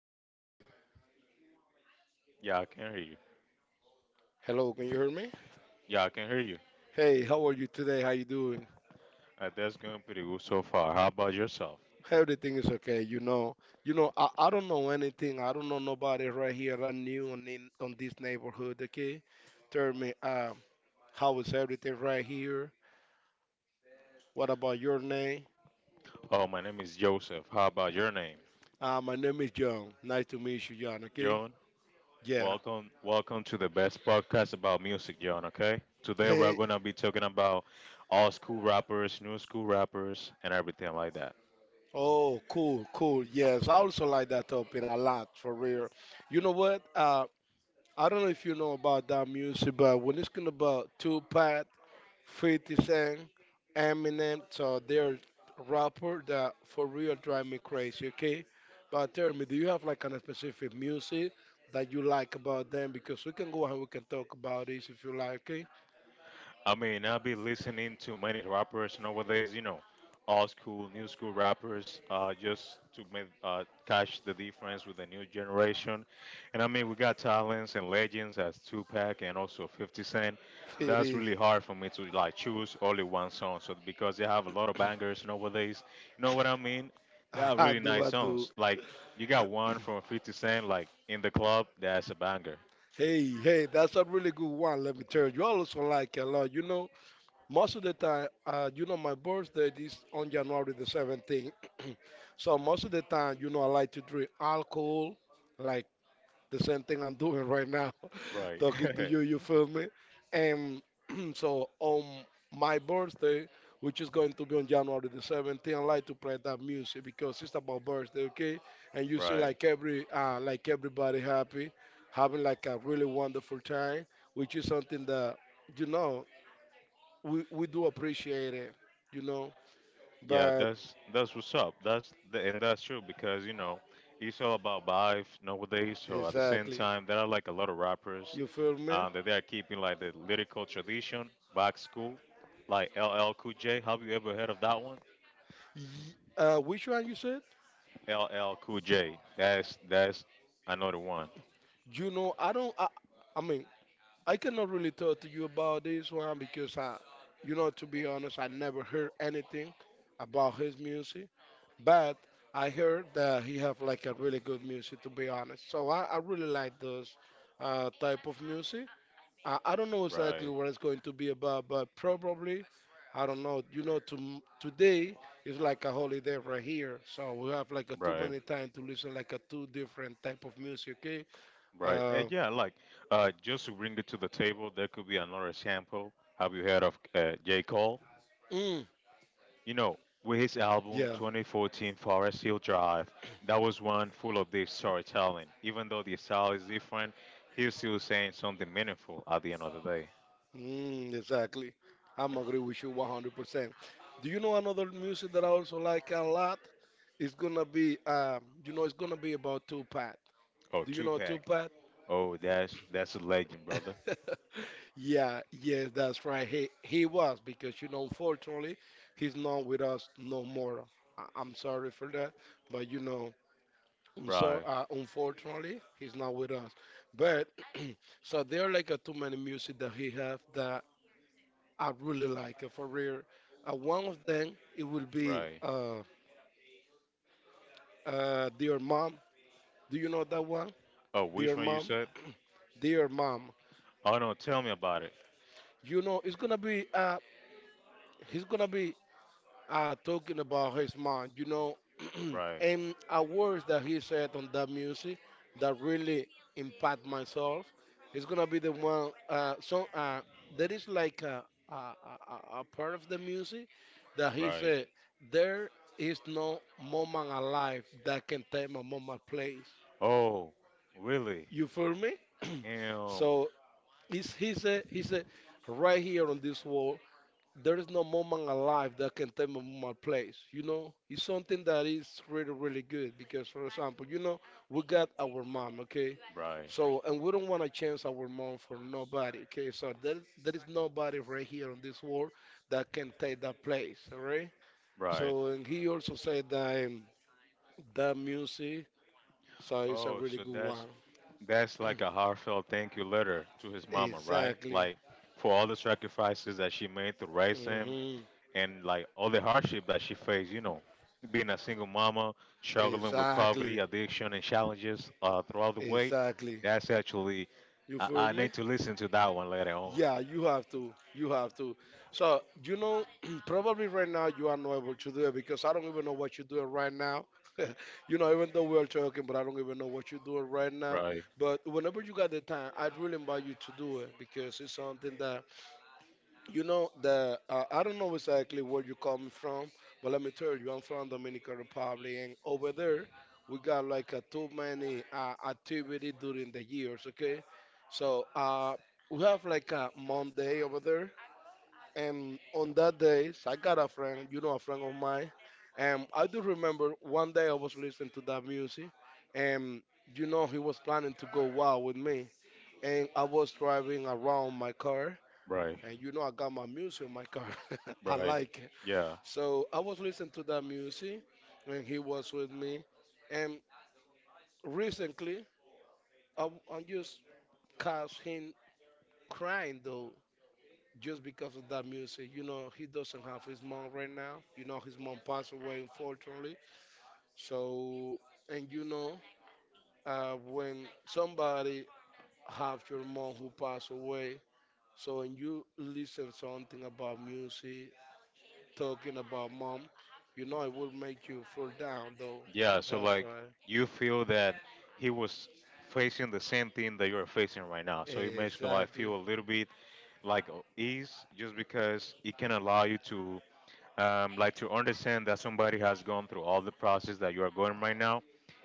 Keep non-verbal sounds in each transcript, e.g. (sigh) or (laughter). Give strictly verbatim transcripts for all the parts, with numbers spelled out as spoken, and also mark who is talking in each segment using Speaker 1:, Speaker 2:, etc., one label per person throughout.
Speaker 1: Can you hear me?
Speaker 2: Yeah, I can hear you.
Speaker 1: Hello, can you hear me?
Speaker 2: Yeah, I can hear you.
Speaker 1: Hey, how are you today? How you doing?
Speaker 2: Uh, that's going pretty good so far. How about yourself?
Speaker 1: Everything is okay. You know, you know. I, I don't know anything. I don't know nobody right here. I new on in, on this neighborhood. Okay, tell me, um, how is everything right here? What about your name?
Speaker 2: Oh, my name is Joseph. How about your name?
Speaker 1: Uh, my name is John. Nice to meet you, John. Okay.
Speaker 2: John,
Speaker 1: Yeah. (laughs)
Speaker 2: welcome welcome to the best podcast about music, John, okay? Today we're
Speaker 1: Hey.
Speaker 2: going to be talking about old school rappers, new school rappers, and everything like that.
Speaker 1: Oh, cool, cool. Yes, I also like that topic a lot for real. You know what? Uh, I don't know if you know about that music, but when it's gonna about Tupac, fifty Cent, Eminem, so they're rapper that for real drive me crazy, okay? But tell me, do you have like kind of specific music that you like about them? Because we can go and we can talk about this if you like, okay?
Speaker 2: I mean, I have been listening to many rappers nowadays, you know, old school, new school rappers, uh, just to make, uh, catch the difference with the new generation. And I mean, we got talents and legends as Tupac and also fifty Cent.
Speaker 1: It
Speaker 2: That's
Speaker 1: is.
Speaker 2: really hard for me to like choose only one song. So because they have a lot of bangers nowadays, you know what I mean? They are
Speaker 1: (laughs) I
Speaker 2: really
Speaker 1: do,
Speaker 2: nice
Speaker 1: I do.
Speaker 2: songs. Like you got one from fifty Cent, like in the club, that's a banger.
Speaker 1: Hey, hey, that's a really good one, let me tell you. I also like it a lot, you know? Most of the time, uh, you know, my birthday is on January the seventeenth. (clears throat) So most of the time, you know, I like to drink alcohol, like the same thing I'm doing right now, (laughs)
Speaker 2: Right.
Speaker 1: talking to
Speaker 2: (laughs)
Speaker 1: you, you feel me? And (clears throat) so on my birthday, which is going to be on January the seventeenth, I like to play that music because it's about birthday, okay? And you see
Speaker 2: Right.
Speaker 1: like every, uh, like everybody happy, having like a really wonderful time, which is something that, you know, we, we do appreciate it, you know.
Speaker 2: Yeah,
Speaker 1: But
Speaker 2: that's that's what's up. That's the, and that's true because you know it's all about vibe nowadays. So at the same
Speaker 1: exactly,
Speaker 2: time, there are like a lot of rappers
Speaker 1: you feel me?
Speaker 2: um, that they are keeping like the lyrical tradition back school, like L L Cool J. Have you ever heard of that one?
Speaker 1: Uh, which one you said?
Speaker 2: L L Cool J. That's that's another one.
Speaker 1: You know, I don't. I, I mean, I cannot really talk to you about this one because I, you know, to be honest, I never heard anything about his music. But I heard that he have like a really good music, to be honest. So I, I really like those uh, type of music. I, I don't know exactly
Speaker 2: Right,
Speaker 1: what it's going to be about, but probably, I don't know. You know, to, today is like a holiday right here, so we have like a too
Speaker 2: right,
Speaker 1: many time to listen like a two different type of music. Okay.
Speaker 2: right. And
Speaker 1: Uh,
Speaker 2: yeah, like uh, just to bring it to the table, there could be another sample. Have you heard of uh, J Cole?
Speaker 1: mm,
Speaker 2: You know, with his album
Speaker 1: yeah.
Speaker 2: twenty fourteen Forest Hill Drive, that was one full of deep storytelling. Even though the style is different, he's still saying something meaningful at the end of the day.
Speaker 1: Mm, exactly. I'm agree with you one hundred percent. Do you know another music that I also like a lot? It's gonna be, um, you know, it's gonna be about Tupac.
Speaker 2: Oh,
Speaker 1: Do you know
Speaker 2: Tupac.
Speaker 1: Tupac?
Speaker 2: Oh, that's that's a legend, brother.
Speaker 1: (laughs) Yeah, yes, that's right. He he was because you know, unfortunately, he's not with us no more. I, I'm sorry for that, but you know, so
Speaker 2: Right,
Speaker 1: uh, unfortunately, he's not with us. But (clears throat) so there are like a too many music that he have that I really like uh, for real. Uh, one of them it will be
Speaker 2: right.
Speaker 1: uh uh Dear Mom. Do you know that one?
Speaker 2: Oh,
Speaker 1: Dear
Speaker 2: which one you
Speaker 1: Mom,
Speaker 2: said?
Speaker 1: (clears throat) Dear Mom.
Speaker 2: Oh no, tell me about it.
Speaker 1: You know, it's gonna be uh, he's gonna be uh, talking about his mom, you know, (clears throat)
Speaker 2: Right,
Speaker 1: and a words that he said on that music that really impact myself is gonna be the one. Uh, so uh, there is like a, a, a, a a part of the music that he
Speaker 2: right.
Speaker 1: said there is no moment alive that can take my mama place.
Speaker 2: Oh, really?
Speaker 1: You feel me? (clears throat)
Speaker 2: Um,
Speaker 1: So it's, he said he said right here on this there is no moment alive that can take me my place. You know, it's something that is really, really good because, for example, you know, we got our mom, okay?
Speaker 2: right,
Speaker 1: So, and we don't want to change our mom for nobody, okay? So, there, there is nobody right here on this world that can take that place, all right?
Speaker 2: right.
Speaker 1: So, and he also said that um, that music, so it's a
Speaker 2: Oh,
Speaker 1: really
Speaker 2: so
Speaker 1: good one.
Speaker 2: that's That's like
Speaker 1: (clears throat)
Speaker 2: a heartfelt thank you letter to his mama, right?
Speaker 1: Exactly.
Speaker 2: Like for all the sacrifices that she made to raise him
Speaker 1: Hmm.
Speaker 2: and like all the hardship that she faced, you know, being a single mama, struggling with
Speaker 1: Exactly.
Speaker 2: poverty, addiction, and challenges uh, throughout the way.
Speaker 1: Exactly.
Speaker 2: That's actually,
Speaker 1: You
Speaker 2: I,
Speaker 1: feel
Speaker 2: I
Speaker 1: me?
Speaker 2: need to listen to that one later on.
Speaker 1: Yeah, you have to. You have to. So, you know, (clears throat) probably right now you are not able to do it because I don't even know what you're doing right now. (laughs) You know, even though we're talking, but I don't even know what you're doing right now.
Speaker 2: Right,
Speaker 1: But whenever you got the time, I'd really invite you to do it because it's something that you know the uh, I don't know exactly where you coming from, but let me tell you, I'm from Dominican Republic, and over there we got like a too many uh, activity during the years. Okay, so uh, we have like a Monday over there, and on that day I got a friend, you know, a friend of mine, and I do remember one day I was listening to that music, and you know he was planning to go wild with me, and I was driving around my car
Speaker 2: right,
Speaker 1: and you know, I got my music in my car. (laughs) I
Speaker 2: right.
Speaker 1: like it.
Speaker 2: Yeah,
Speaker 1: So I was listening to that music when he was with me. And recently, I, I just caught him crying though, just because of that music. You know, he doesn't have his mom right now. You know, his mom passed away, unfortunately. So, and you know, uh, when somebody have your mom who passed away, so when you listen something about music, talking about mom, you know it will make you fall down though.
Speaker 2: yeah. So,
Speaker 1: That's
Speaker 2: like,
Speaker 1: right.
Speaker 2: you feel that he was facing the same thing that you're facing right now. So, it makes your life
Speaker 1: Exactly.
Speaker 2: feel a little bit like uh, is just because it can allow you to um, like to understand that somebody has gone through all the process that you are going right now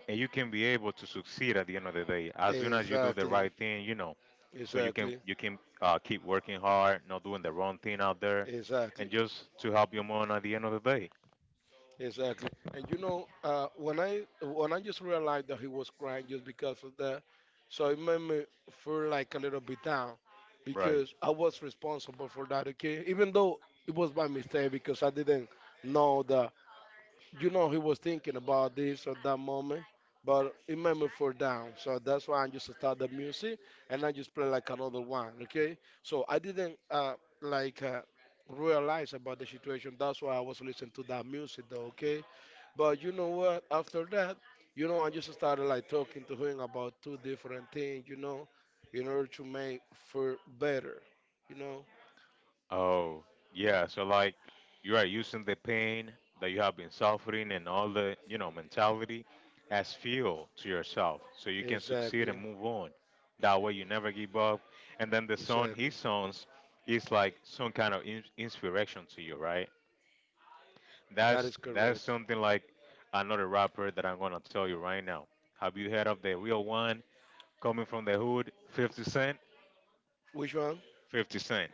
Speaker 2: and you can be able to succeed at the end of the day as soon as you do the
Speaker 1: Exactly.
Speaker 2: right thing you know so you can
Speaker 1: Exactly.
Speaker 2: you can uh, keep working hard not doing the wrong thing out there and
Speaker 1: Exactly.
Speaker 2: just to help your mom at the end of the day
Speaker 1: Exactly. And you know, uh, when I when I just realized that he was crying just because of that, so it made me feel like a little bit down
Speaker 2: right.
Speaker 1: because I was responsible for that. Okay, even though it was by mistake because I didn't know that you know he was thinking about this or that moment, but it made me fall down. So that's why I just start the music and I just play like another one. Okay, so I didn't uh like Uh, realize about the situation, that's why I was listening to that music though, okay. But you know what, after that, you know I just started like talking to him about two different things, you know, in order to make for better, you know.
Speaker 2: Oh, yeah. So like you are using the pain that you have been suffering and all the, you know, mentality as fuel to yourself so you can succeed
Speaker 1: Exactly.
Speaker 2: and move on. That way you never give up. And then the song he
Speaker 1: Exactly.
Speaker 2: songs is like some kind of in- inspiration to you, right?
Speaker 1: That
Speaker 2: That's
Speaker 1: is
Speaker 2: that's
Speaker 1: correct.
Speaker 2: something like another rapper that I'm gonna tell you right now. Have you heard of the real one coming from the hood, fifty Cent?
Speaker 1: Which one?
Speaker 2: fifty Cent,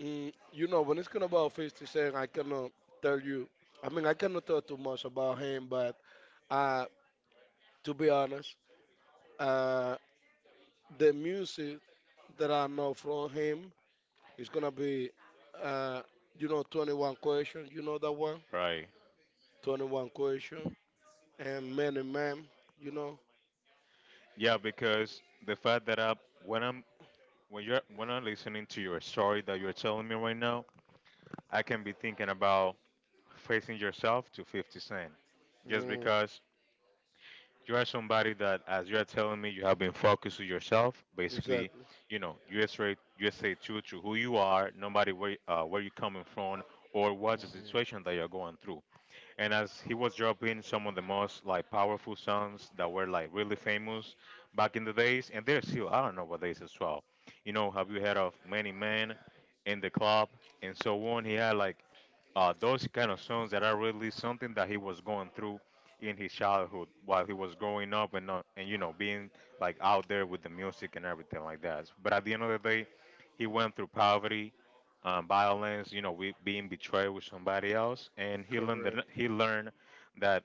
Speaker 1: Mm, you know, when it's gonna about fifty Cent, I cannot tell you. I mean, I cannot tell too much about him, but uh, to be honest, uh, the music that I know from him is gonna be, uh, you know, twenty one Question. You know that one,
Speaker 2: right?
Speaker 1: Twenty One twenty one Question and Many Man. You know?
Speaker 2: Yeah, because the fact that I when I'm when you're when I'm listening to your story that you're telling me right now, I can be thinking about facing yourself to fifty Cent, just
Speaker 1: Mm,
Speaker 2: because you are somebody that, as you are telling me, you have been focused to yourself. Basically,
Speaker 1: exactly.
Speaker 2: you know, you say U S A say true to who you are, nobody where uh, where you coming from or what's the situation that you're going through and as he was dropping some of the most like powerful songs that were like really famous back in the days, and they're still I don't know what days as well. You know, have you heard of Many Men in the Club and so on? He had like uh, those kind of songs that are really something that he was going through in his childhood while he was growing up and not, and you know being like out there with the music and everything like that. But at the end of the day, he went through poverty, um, violence, you know, we, being betrayed with somebody else, and he learned that,
Speaker 1: Correct.
Speaker 2: he learned that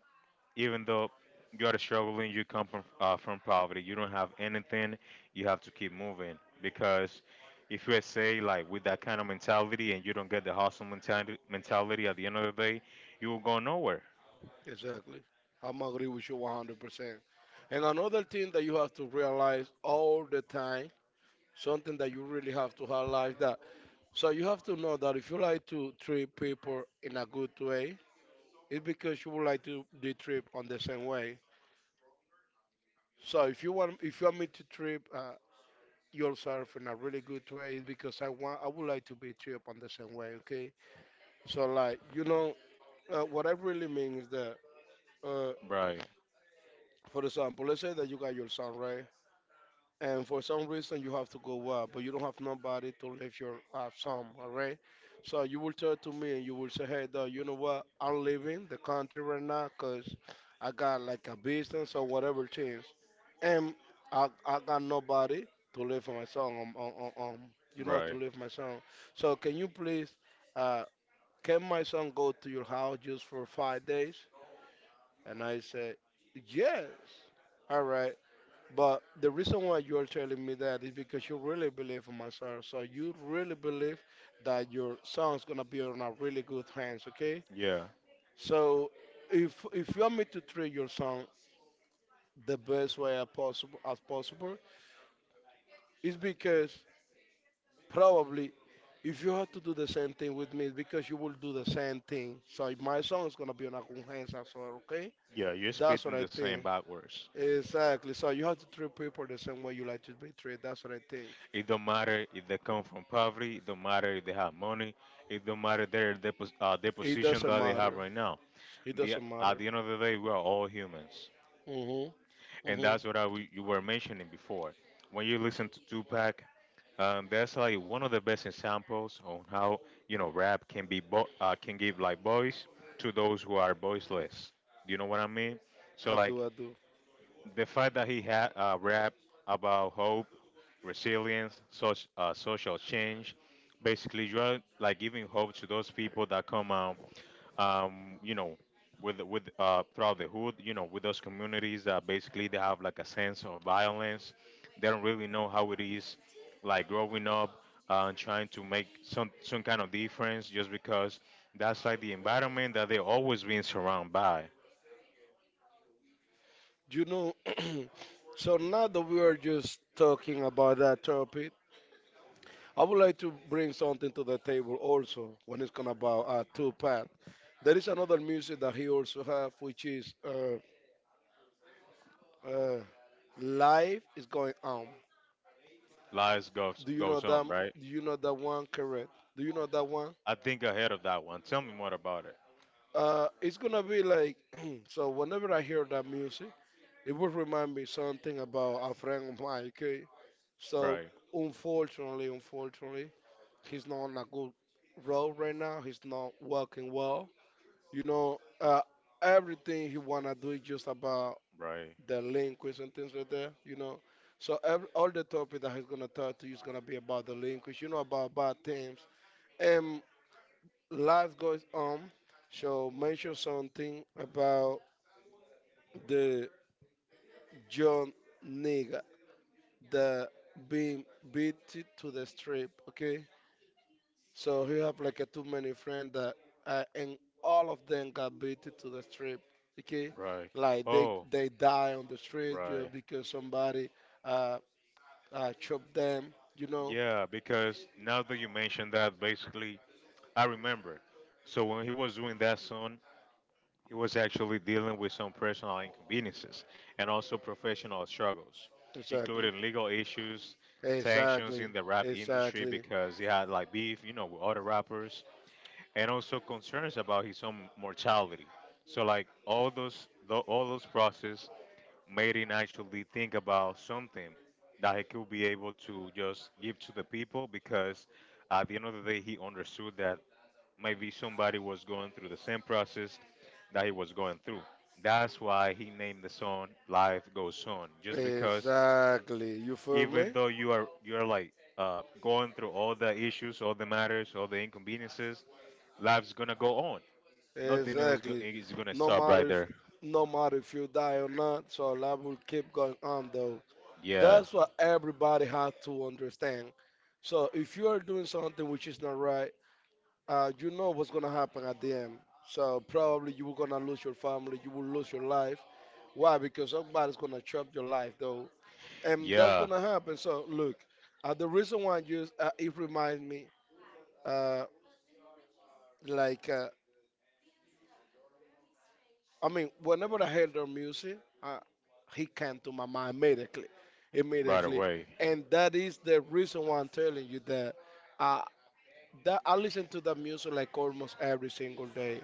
Speaker 2: even though you are struggling, you come from uh, from poverty. You don't have anything. You have to keep moving because if you say like with that kind of mentality and you don't get the hustle mentality, mentality at the end of the day, you will go nowhere.
Speaker 1: Exactly. I'm agree with you one hundred percent. And another thing that you have to realize all the time, something that you really have to highlight that. So you have to know that if you like to treat people in a good way, it's because you would like to be treated on the same way. So if you want, if you want me to treat uh, yourself in a really good way, it's because I want, I would like to be treated on the same way. Okay. So like, you know, uh, what I really mean is that, uh,
Speaker 2: Right.
Speaker 1: for example, let's say that you got your son, right? And for some reason you have to go up, but you don't have nobody to leave your uh, some, all right? So you will tell to me and you will say, hey, dog, you know what? I'm leaving the country right now because I got like a business or whatever things, and I, I got nobody to live for my son, um, um, um, um, you know, to
Speaker 2: Right.
Speaker 1: live my son. So can you please, uh, can my son go to your house just for five days? And I said, yes. All right. But the reason why you are telling me that is because you really believe in my song. So you really believe that your song's gonna be on a really good hands, okay?
Speaker 2: Yeah.
Speaker 1: So if if you want me to treat your song the best way as possible as possible, it's because probably if you have to do the same thing with me, it's because you will do the same thing. So my song is gonna be on a good hands as well, okay?
Speaker 2: Yeah, you're
Speaker 1: That's what
Speaker 2: speaking
Speaker 1: I
Speaker 2: the same
Speaker 1: think.
Speaker 2: backwards.
Speaker 1: Exactly. So you have to treat people the same way you like to be treated. That's what I think.
Speaker 2: It don't matter if they come from poverty. It don't matter if they have money. It don't matter their their, pos- uh, their
Speaker 1: It
Speaker 2: position
Speaker 1: doesn't
Speaker 2: that they have
Speaker 1: matter.
Speaker 2: right now.
Speaker 1: It
Speaker 2: The
Speaker 1: doesn't
Speaker 2: at
Speaker 1: matter.
Speaker 2: the end of the day, we are all humans.
Speaker 1: Mhm.
Speaker 2: And
Speaker 1: Mhm.
Speaker 2: that's what I w you were mentioning before. When you listen to Tupac, um, that's like one of the best examples on how you know rap can be bo- uh, can give like voice to those who are voiceless. You know what I mean? So
Speaker 1: I
Speaker 2: like
Speaker 1: do. I do.
Speaker 2: the fact that he had uh, rap about hope, resilience, such uh, social change, basically you are like giving hope to those people that come out um, you know, with with uh, throughout the hood, you know, with those communities that basically they have like a sense of violence. They don't really know how it is, like growing up uh, and trying to make some some kind of difference, just because that's like the environment that they're always being surrounded by.
Speaker 1: You know. (clears throat) So now that we are just talking about that topic, I would like to bring something to the table also when it's gonna about uh, Tupac. There is another music that he also have, which is uh, uh, "Life Is Going On."
Speaker 2: Lives goes
Speaker 1: Do you know
Speaker 2: goes
Speaker 1: that?
Speaker 2: on, right?
Speaker 1: Do you know that one? Correct. Do you know that one?
Speaker 2: I think ahead of that one. Tell me more about it.
Speaker 1: Uh, it's gonna be like (clears throat) so. Whenever I hear that music, it would remind me something about a friend of mine. Okay. So
Speaker 2: Right,
Speaker 1: unfortunately, unfortunately, he's not on a good road right now. He's not working well. You know, uh, everything he wanna do is just about
Speaker 2: right,
Speaker 1: the delinquents and things like that. You know, so every, all the topic that he's gonna talk to you is gonna be about the delinquents. You know, about bad things. And life goes on. So mention something about the John nigga that being beat to the strip. Okay. So you have like a too many friends that, uh, and all of them got beaten to the street. Okay,
Speaker 2: right.
Speaker 1: like they
Speaker 2: Oh,
Speaker 1: they die on the street, you know,
Speaker 2: right.
Speaker 1: because somebody uh, uh chopped them. You know.
Speaker 2: Yeah, because now that you mentioned that, basically I remember. So when he was doing that song, he was actually dealing with some personal inconveniences and also professional struggles,
Speaker 1: Exactly.
Speaker 2: including legal issues, tensions
Speaker 1: Exactly,
Speaker 2: in the rap industry
Speaker 1: exactly,
Speaker 2: because he had like beef, you know, with other rappers, and also concerns about his own mortality. So like all those tho- all those process made him actually think about something that he could be able to just give to the people because at the end of the day he understood that maybe somebody was going through the same process that he was going through. That's why he named the song "Life Goes On," just because
Speaker 1: exactly. You feel
Speaker 2: even
Speaker 1: me?
Speaker 2: though you are you're like uh, going through all the issues, all the matters, all the inconveniences, life's gonna go on. Nothing is go-
Speaker 1: Exactly.
Speaker 2: is gonna
Speaker 1: No
Speaker 2: stop
Speaker 1: matter
Speaker 2: right
Speaker 1: if
Speaker 2: there.
Speaker 1: no matter if you die or not, so life will keep going on though.
Speaker 2: Yeah,
Speaker 1: That's what everybody has to understand. So if you are doing something which is not right, uh, you know what's gonna happen at the end. So probably you were gonna lose your family, you will lose your life. Why? Because somebody's gonna chop your life though, and that's
Speaker 2: yeah,
Speaker 1: gonna happen. So look, uh, the reason why I use uh, it reminds me, uh, like uh, I mean, whenever I heard their music, uh, he came to my mind immediately,
Speaker 2: right
Speaker 1: immediately,
Speaker 2: away.
Speaker 1: and that is the reason why I'm telling you that. Uh, that I listen to that music like almost every single day.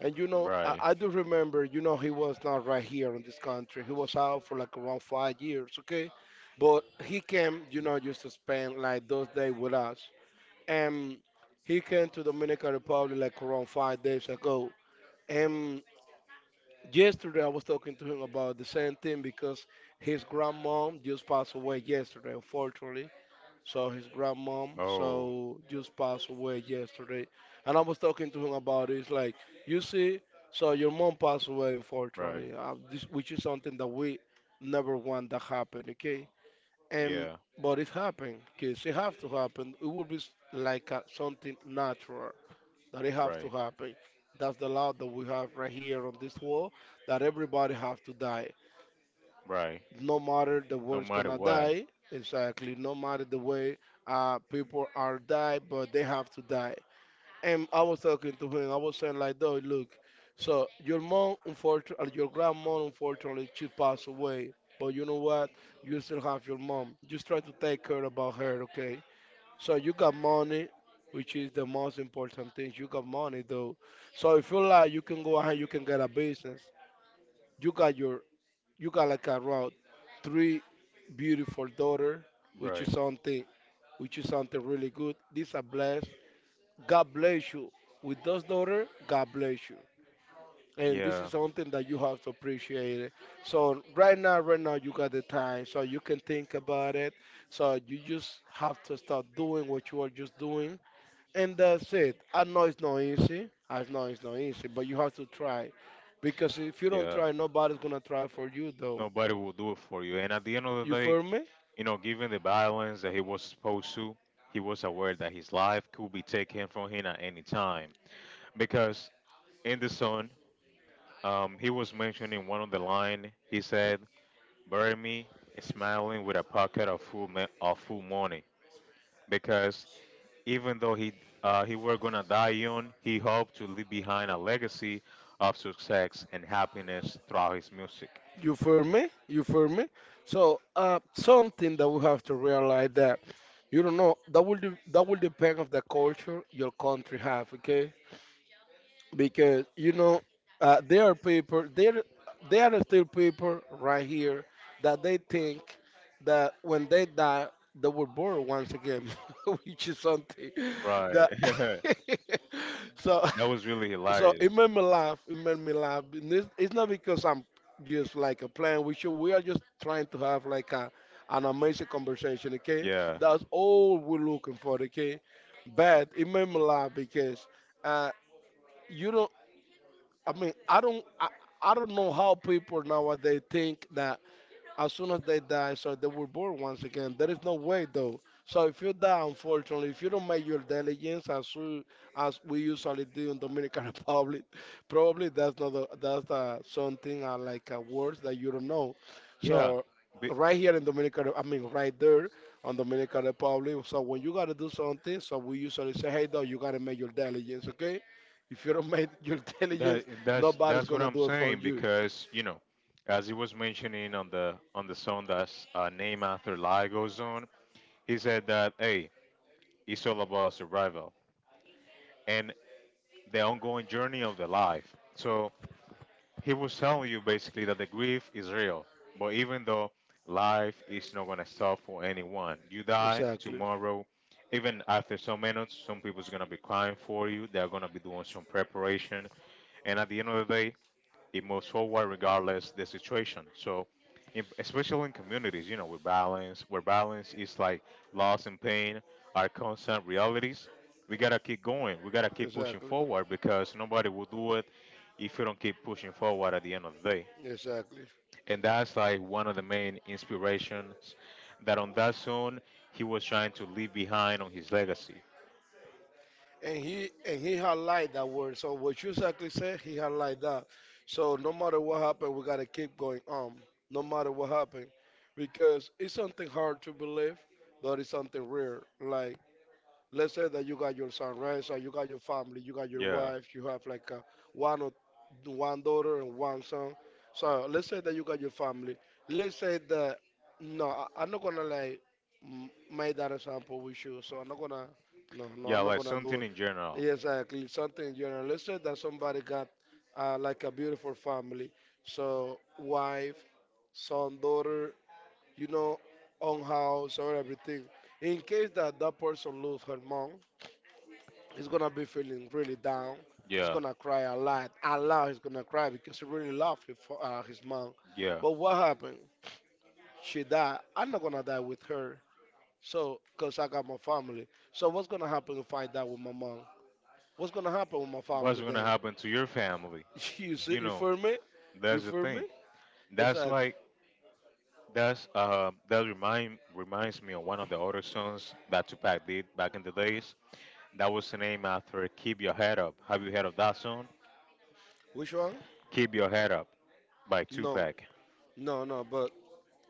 Speaker 1: And you know, I,
Speaker 2: Right.
Speaker 1: I do remember, you know, he was not right here in this country. He was out for like around five years, okay? But he came, you know, just to spend like those days with us. And he came to Dominican Republic like around five days ago. And yesterday I was talking to him about the same thing because his grandmom just passed away yesterday, unfortunately. So his grandmom,
Speaker 2: Oh,
Speaker 1: so just passed away yesterday, and I was talking to him about it. It's like, you see, so your mom passed away,
Speaker 2: right.
Speaker 1: unfortunately, uh, this, which is something that we never want that happen, okay? And
Speaker 2: Yeah,
Speaker 1: but it happened, cause it have to happen. It would be s- like uh something natural that it have to
Speaker 2: right.
Speaker 1: happen. That's the law that we have right here on this world, that everybody have to die,
Speaker 2: Right.
Speaker 1: no matter the
Speaker 2: No
Speaker 1: world's
Speaker 2: matter
Speaker 1: gonna
Speaker 2: what.
Speaker 1: die. Exactly, no matter the way uh people are die, but they have to die. And I was talking to him, I was saying like though, look, so your mom, unfortunately, your grandma, unfortunately, she passed away, but you know what, you still have your mom. Just try to take care about her, okay? So you got money, which is the most important thing. You got money though, so if you like you can go ahead, you can get a business. you got your you got like around three beautiful daughter, which is
Speaker 2: Right.
Speaker 1: something, which is something really good. This a bless. God bless you with those daughter. God bless you. And this
Speaker 2: Yeah.
Speaker 1: is something that you have to appreciate it. So right now, right now you got the time, so you can think about it. So you just have to start doing what you are just doing, and that's it. I know it's not easy. I know it's not easy, but you have to try, because if you don't
Speaker 2: Yeah.
Speaker 1: try, nobody's gonna try for you though.
Speaker 2: Nobody will do it for you. And at the end of
Speaker 1: You
Speaker 2: the day,
Speaker 1: feel me?
Speaker 2: you know, given the violence that he was supposed to, he was aware that his life could be taken from him at any time. Because in the song, um, he was mentioning one of the line. He said, "Bury me smiling with a pocket of full ma- of full money." Because even though he uh, he were gonna die young, he hoped to leave behind a legacy of success and happiness throughout his music.
Speaker 1: You feel me? You feel me? So uh, something that we have to realize, that you don't know, that will de- that will depend of the culture your country have. Okay, because you know, uh, there are people there there are still people right here that they think that when they die they were born once again, (laughs) which is something
Speaker 2: Right.
Speaker 1: that
Speaker 2: (laughs) That
Speaker 1: (laughs) so.
Speaker 2: was really
Speaker 1: So
Speaker 2: hilarious.
Speaker 1: it made me laugh. It made me laugh. And It's, it's not because I'm just like a plan. We should, we are just trying to have like a, an amazing conversation. Okay,
Speaker 2: Yeah.
Speaker 1: that's all we're looking for. Okay, but it made me laugh because uh, you don't. I mean, I don't. I, I don't know how people nowadays think that as soon as they die, so they were born once again. There is no way though. So if you die, unfortunately, if you don't make your diligence as we, as we usually do in Dominican (laughs) Republic, probably that's not a, that's uh something uh, like uh, words that you don't know.
Speaker 2: Yeah.
Speaker 1: So
Speaker 2: Be-
Speaker 1: right here in Dominican, I mean right there on Dominican Republic. So when you gotta do something, so we usually say, hey though, you gotta make your diligence, okay? If you don't make your (laughs)
Speaker 2: that
Speaker 1: diligence,
Speaker 2: that's
Speaker 1: nobody's
Speaker 2: that's what
Speaker 1: gonna
Speaker 2: I'm
Speaker 1: do it for
Speaker 2: saying
Speaker 1: you.
Speaker 2: because you know, as he was mentioning on the on the song that's uh, named after Lagos on, he said that hey, it's all about survival and the ongoing journey of the life. So he was telling you basically that the grief is real, but even though life is not gonna stop for anyone, you die
Speaker 1: Exactly.
Speaker 2: tomorrow. Even after some minutes, some people's gonna be crying for you. They're gonna be doing some preparation, and at the end of the day, it moves forward regardless the situation. So, in, especially in communities, you know, with balance, where balance is like loss and pain are constant realities. We gotta keep going. We gotta keep pushing
Speaker 1: Exactly.
Speaker 2: forward because nobody will do it if you don't keep pushing forward at the end of the day.
Speaker 1: Exactly.
Speaker 2: And that's like one of the main inspirations that on that song he was trying to leave behind on his legacy.
Speaker 1: And he and he highlight that word. So what you exactly said, he highlight that. So no matter what happened, we gotta keep going on. No matter what happened. Because it's something hard to believe, but it's something rare. Like, let's say that you got your son, right? So you got your family, you got your
Speaker 2: Yeah.
Speaker 1: wife, you have like uh one or one daughter and one son. So let's say that you got your family. Let's say that no, I, I'm not gonna like m- make that example with you. So I'm not gonna, no, no,
Speaker 2: Yeah,
Speaker 1: I'm not
Speaker 2: like
Speaker 1: gonna do
Speaker 2: something
Speaker 1: it.
Speaker 2: in general.
Speaker 1: Exactly, something in general. Let's say that somebody got uh, like a beautiful family. So wife, son, daughter, you know, own house or everything. In case that that person lose her mom, he's gonna be feeling really down. He's
Speaker 2: Yeah.
Speaker 1: gonna cry a lot, a lot. He's gonna cry because he really loved his, fa- uh, his mom.
Speaker 2: Yeah.
Speaker 1: But what happened? She died. I'm not gonna die with her. So, cause I got my family. So what's gonna happen if I die with my mom? What's gonna happen with my
Speaker 2: What's
Speaker 1: family
Speaker 2: gonna
Speaker 1: then?
Speaker 2: happen to your family?
Speaker 1: (laughs) You see,
Speaker 2: You
Speaker 1: you
Speaker 2: know,
Speaker 1: feel me? You
Speaker 2: that's the
Speaker 1: feel me?
Speaker 2: thing.
Speaker 1: It's
Speaker 2: That's
Speaker 1: like
Speaker 2: like That's uh, that remind reminds me of one of the other songs that Tupac did back in the days. That was named after "Keep Your Head Up." Have you heard of that song?
Speaker 1: which one?
Speaker 2: "Keep Your Head Up" by
Speaker 1: No,
Speaker 2: Tupac.
Speaker 1: no, no. But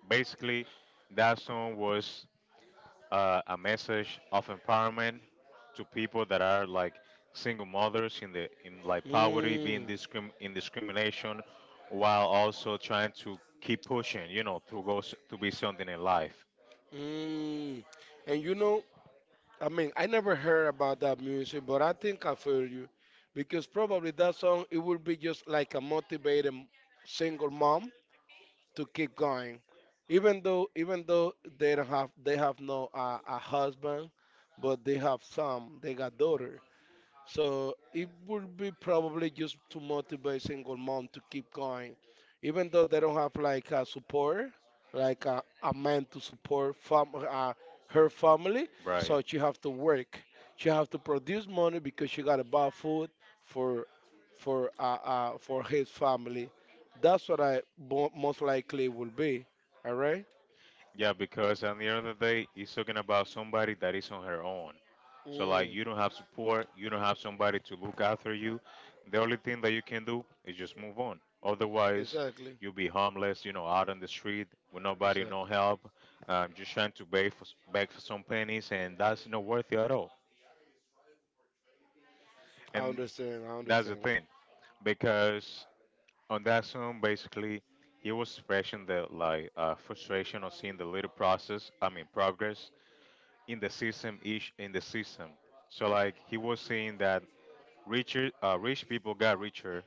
Speaker 2: Basically, that song was uh, a message of empowerment to people that are like single mothers in the in like poverty, being
Speaker 1: mm,
Speaker 2: discrim in discrimination, while also trying to keep pushing, you know, to go s- to be something in life.
Speaker 1: mm. And you know, I mean, I never heard about that music, but I think I feel you because probably that song it will be just like a motivating single mom to keep going, even though, even though they don't have they have no uh, a husband, but they have some they got daughters. So it would be probably just to motivate single mom to keep going, even though they don't have like a support, like a, a man to support fam uh, her family.
Speaker 2: Right.
Speaker 1: So she have to work. She have to produce money because she gotta buy food for for uh, uh for his family. That's what I bo- most likely will be. All right.
Speaker 2: Yeah, because at the end of the day, it's talking about somebody that is on her own. So like
Speaker 1: Mm.
Speaker 2: you don't have support, you don't have somebody to look after you. The only thing that you can do is just move on. Otherwise,
Speaker 1: Exactly.
Speaker 2: you'll be homeless, you know, out on the street with nobody, no
Speaker 1: Exactly.
Speaker 2: help, um, just trying to beg for beg for some pennies, and that's not worth it at all.
Speaker 1: I
Speaker 2: And
Speaker 1: understand. I
Speaker 2: that's the
Speaker 1: understand.
Speaker 2: thing, because on that song, basically, he was expressing the like uh, frustration of seeing the little process, I mean progress in the system ish in the system. So like he was saying that richer uh, rich people got richer,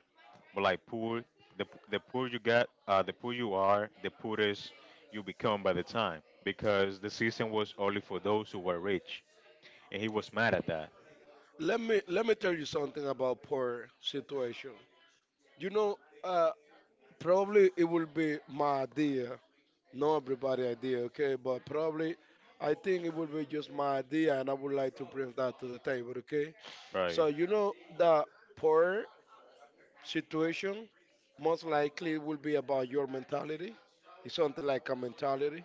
Speaker 2: but like poor the the poor you got uh, the poor you are, the poorest you become by the time because the system was only for those who were rich, and he was mad at that.
Speaker 1: Let me, let me tell you something about poor situation. You know, uh, probably it will be my idea, not everybody idea, okay? But probably I think it will be just my idea, and I would like to bring that to the table, okay?
Speaker 2: Right.
Speaker 1: So you know, the poor situation most likely will be about your mentality. It's something like a mentality.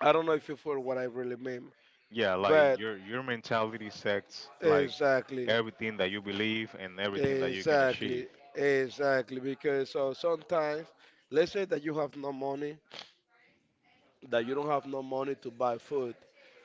Speaker 1: I don't know if you feel what I really mean,
Speaker 2: Yeah, like
Speaker 1: but
Speaker 2: your your mentality sets like
Speaker 1: exactly.
Speaker 2: everything that you believe and everything that you can achieve.
Speaker 1: Exactly, exactly. Because uh, sometimes, let's say that you have no money, that you don't have no money to buy food.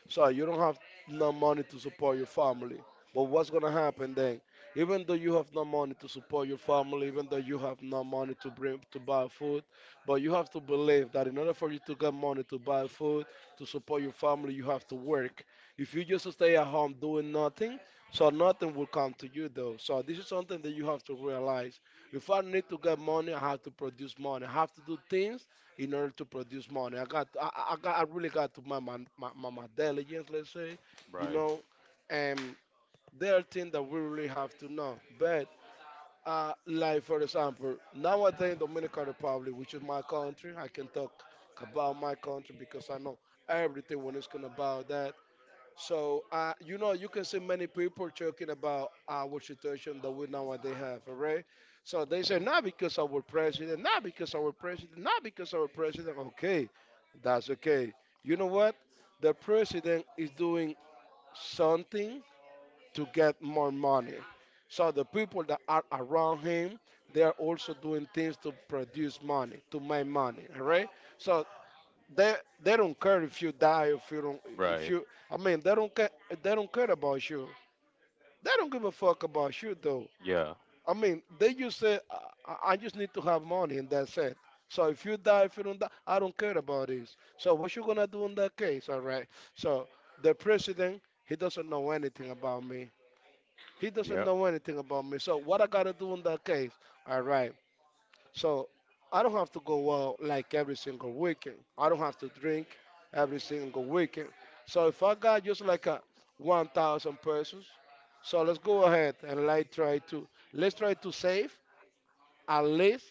Speaker 1: So you don't have no money to support your family. But what's gonna happen then? Even though you have no money to support your family, even though you have no money to bring to buy food, but you have to believe that in order for you to get money to buy food, to support your family, you have to work. If you just stay at home doing nothing, so nothing will come to you though. So this is something that you have to realize. If I need to get money, I have to produce money. I have to do things in order to produce money. I got, I, I I got, I really got to my my, my, my my diligence, let's say, you
Speaker 2: Right.
Speaker 1: know, and there are things that we really have to know. But uh, like for example, nowadays in Dominican Republic, which is my country, I can talk about my country because I know everything when it's gonna about that. So, uh, you know, you can see many people talking about our situation that we nowadays have, all right? So they say, not because our president, not because our president, not because our president. Okay, that's okay. You know what? The president is doing something to get more money. So the people that are around him, they are also doing things to produce money, to make money, all right? So they they don't care if you die, if you don't, if
Speaker 2: Right.
Speaker 1: you, I mean they don't care, they don't care about you. They don't give a fuck about you though.
Speaker 2: Yeah.
Speaker 1: I mean they just say I, I I just need to have money and that's it. So if you die if you don't die I don't care about this. So what you gonna do in that case? All right. So the president he doesn't know anything about me. He doesn't
Speaker 2: Yeah.
Speaker 1: know anything about me. So what I gotta do in that case? All right. So I don't have to go out like every single weekend. I don't have to drink every single weekend. So if I got just like a one thousand pesos, so let's go ahead and like try to let's try to save at least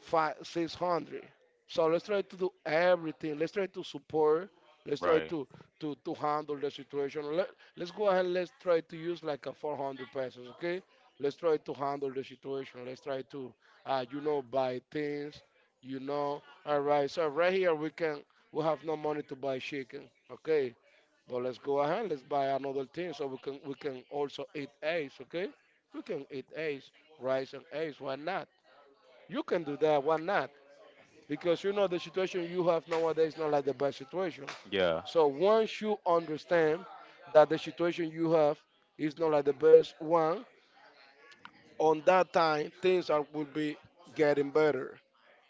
Speaker 1: five, six hundred. So let's try to do everything. Let's try to support. Let's try
Speaker 2: Right.
Speaker 1: to to, to handle the situation. Let, let's go ahead. Let's try to use like a four hundred pesos, okay? Let's try to handle the situation. Let's try to, uh, you know, buy things, you know. All right. So right here we can we have no money to buy chicken, okay? But let's go ahead. Let's buy another thing so we can we can also eat eggs, okay? We can eat eggs, rice and eggs. Why not? You can do that. Why not? Because you know the situation you have nowadays is not like the best situation.
Speaker 2: Yeah.
Speaker 1: So once you understand that the situation you have is not like the best one, on that time things are, will be getting better.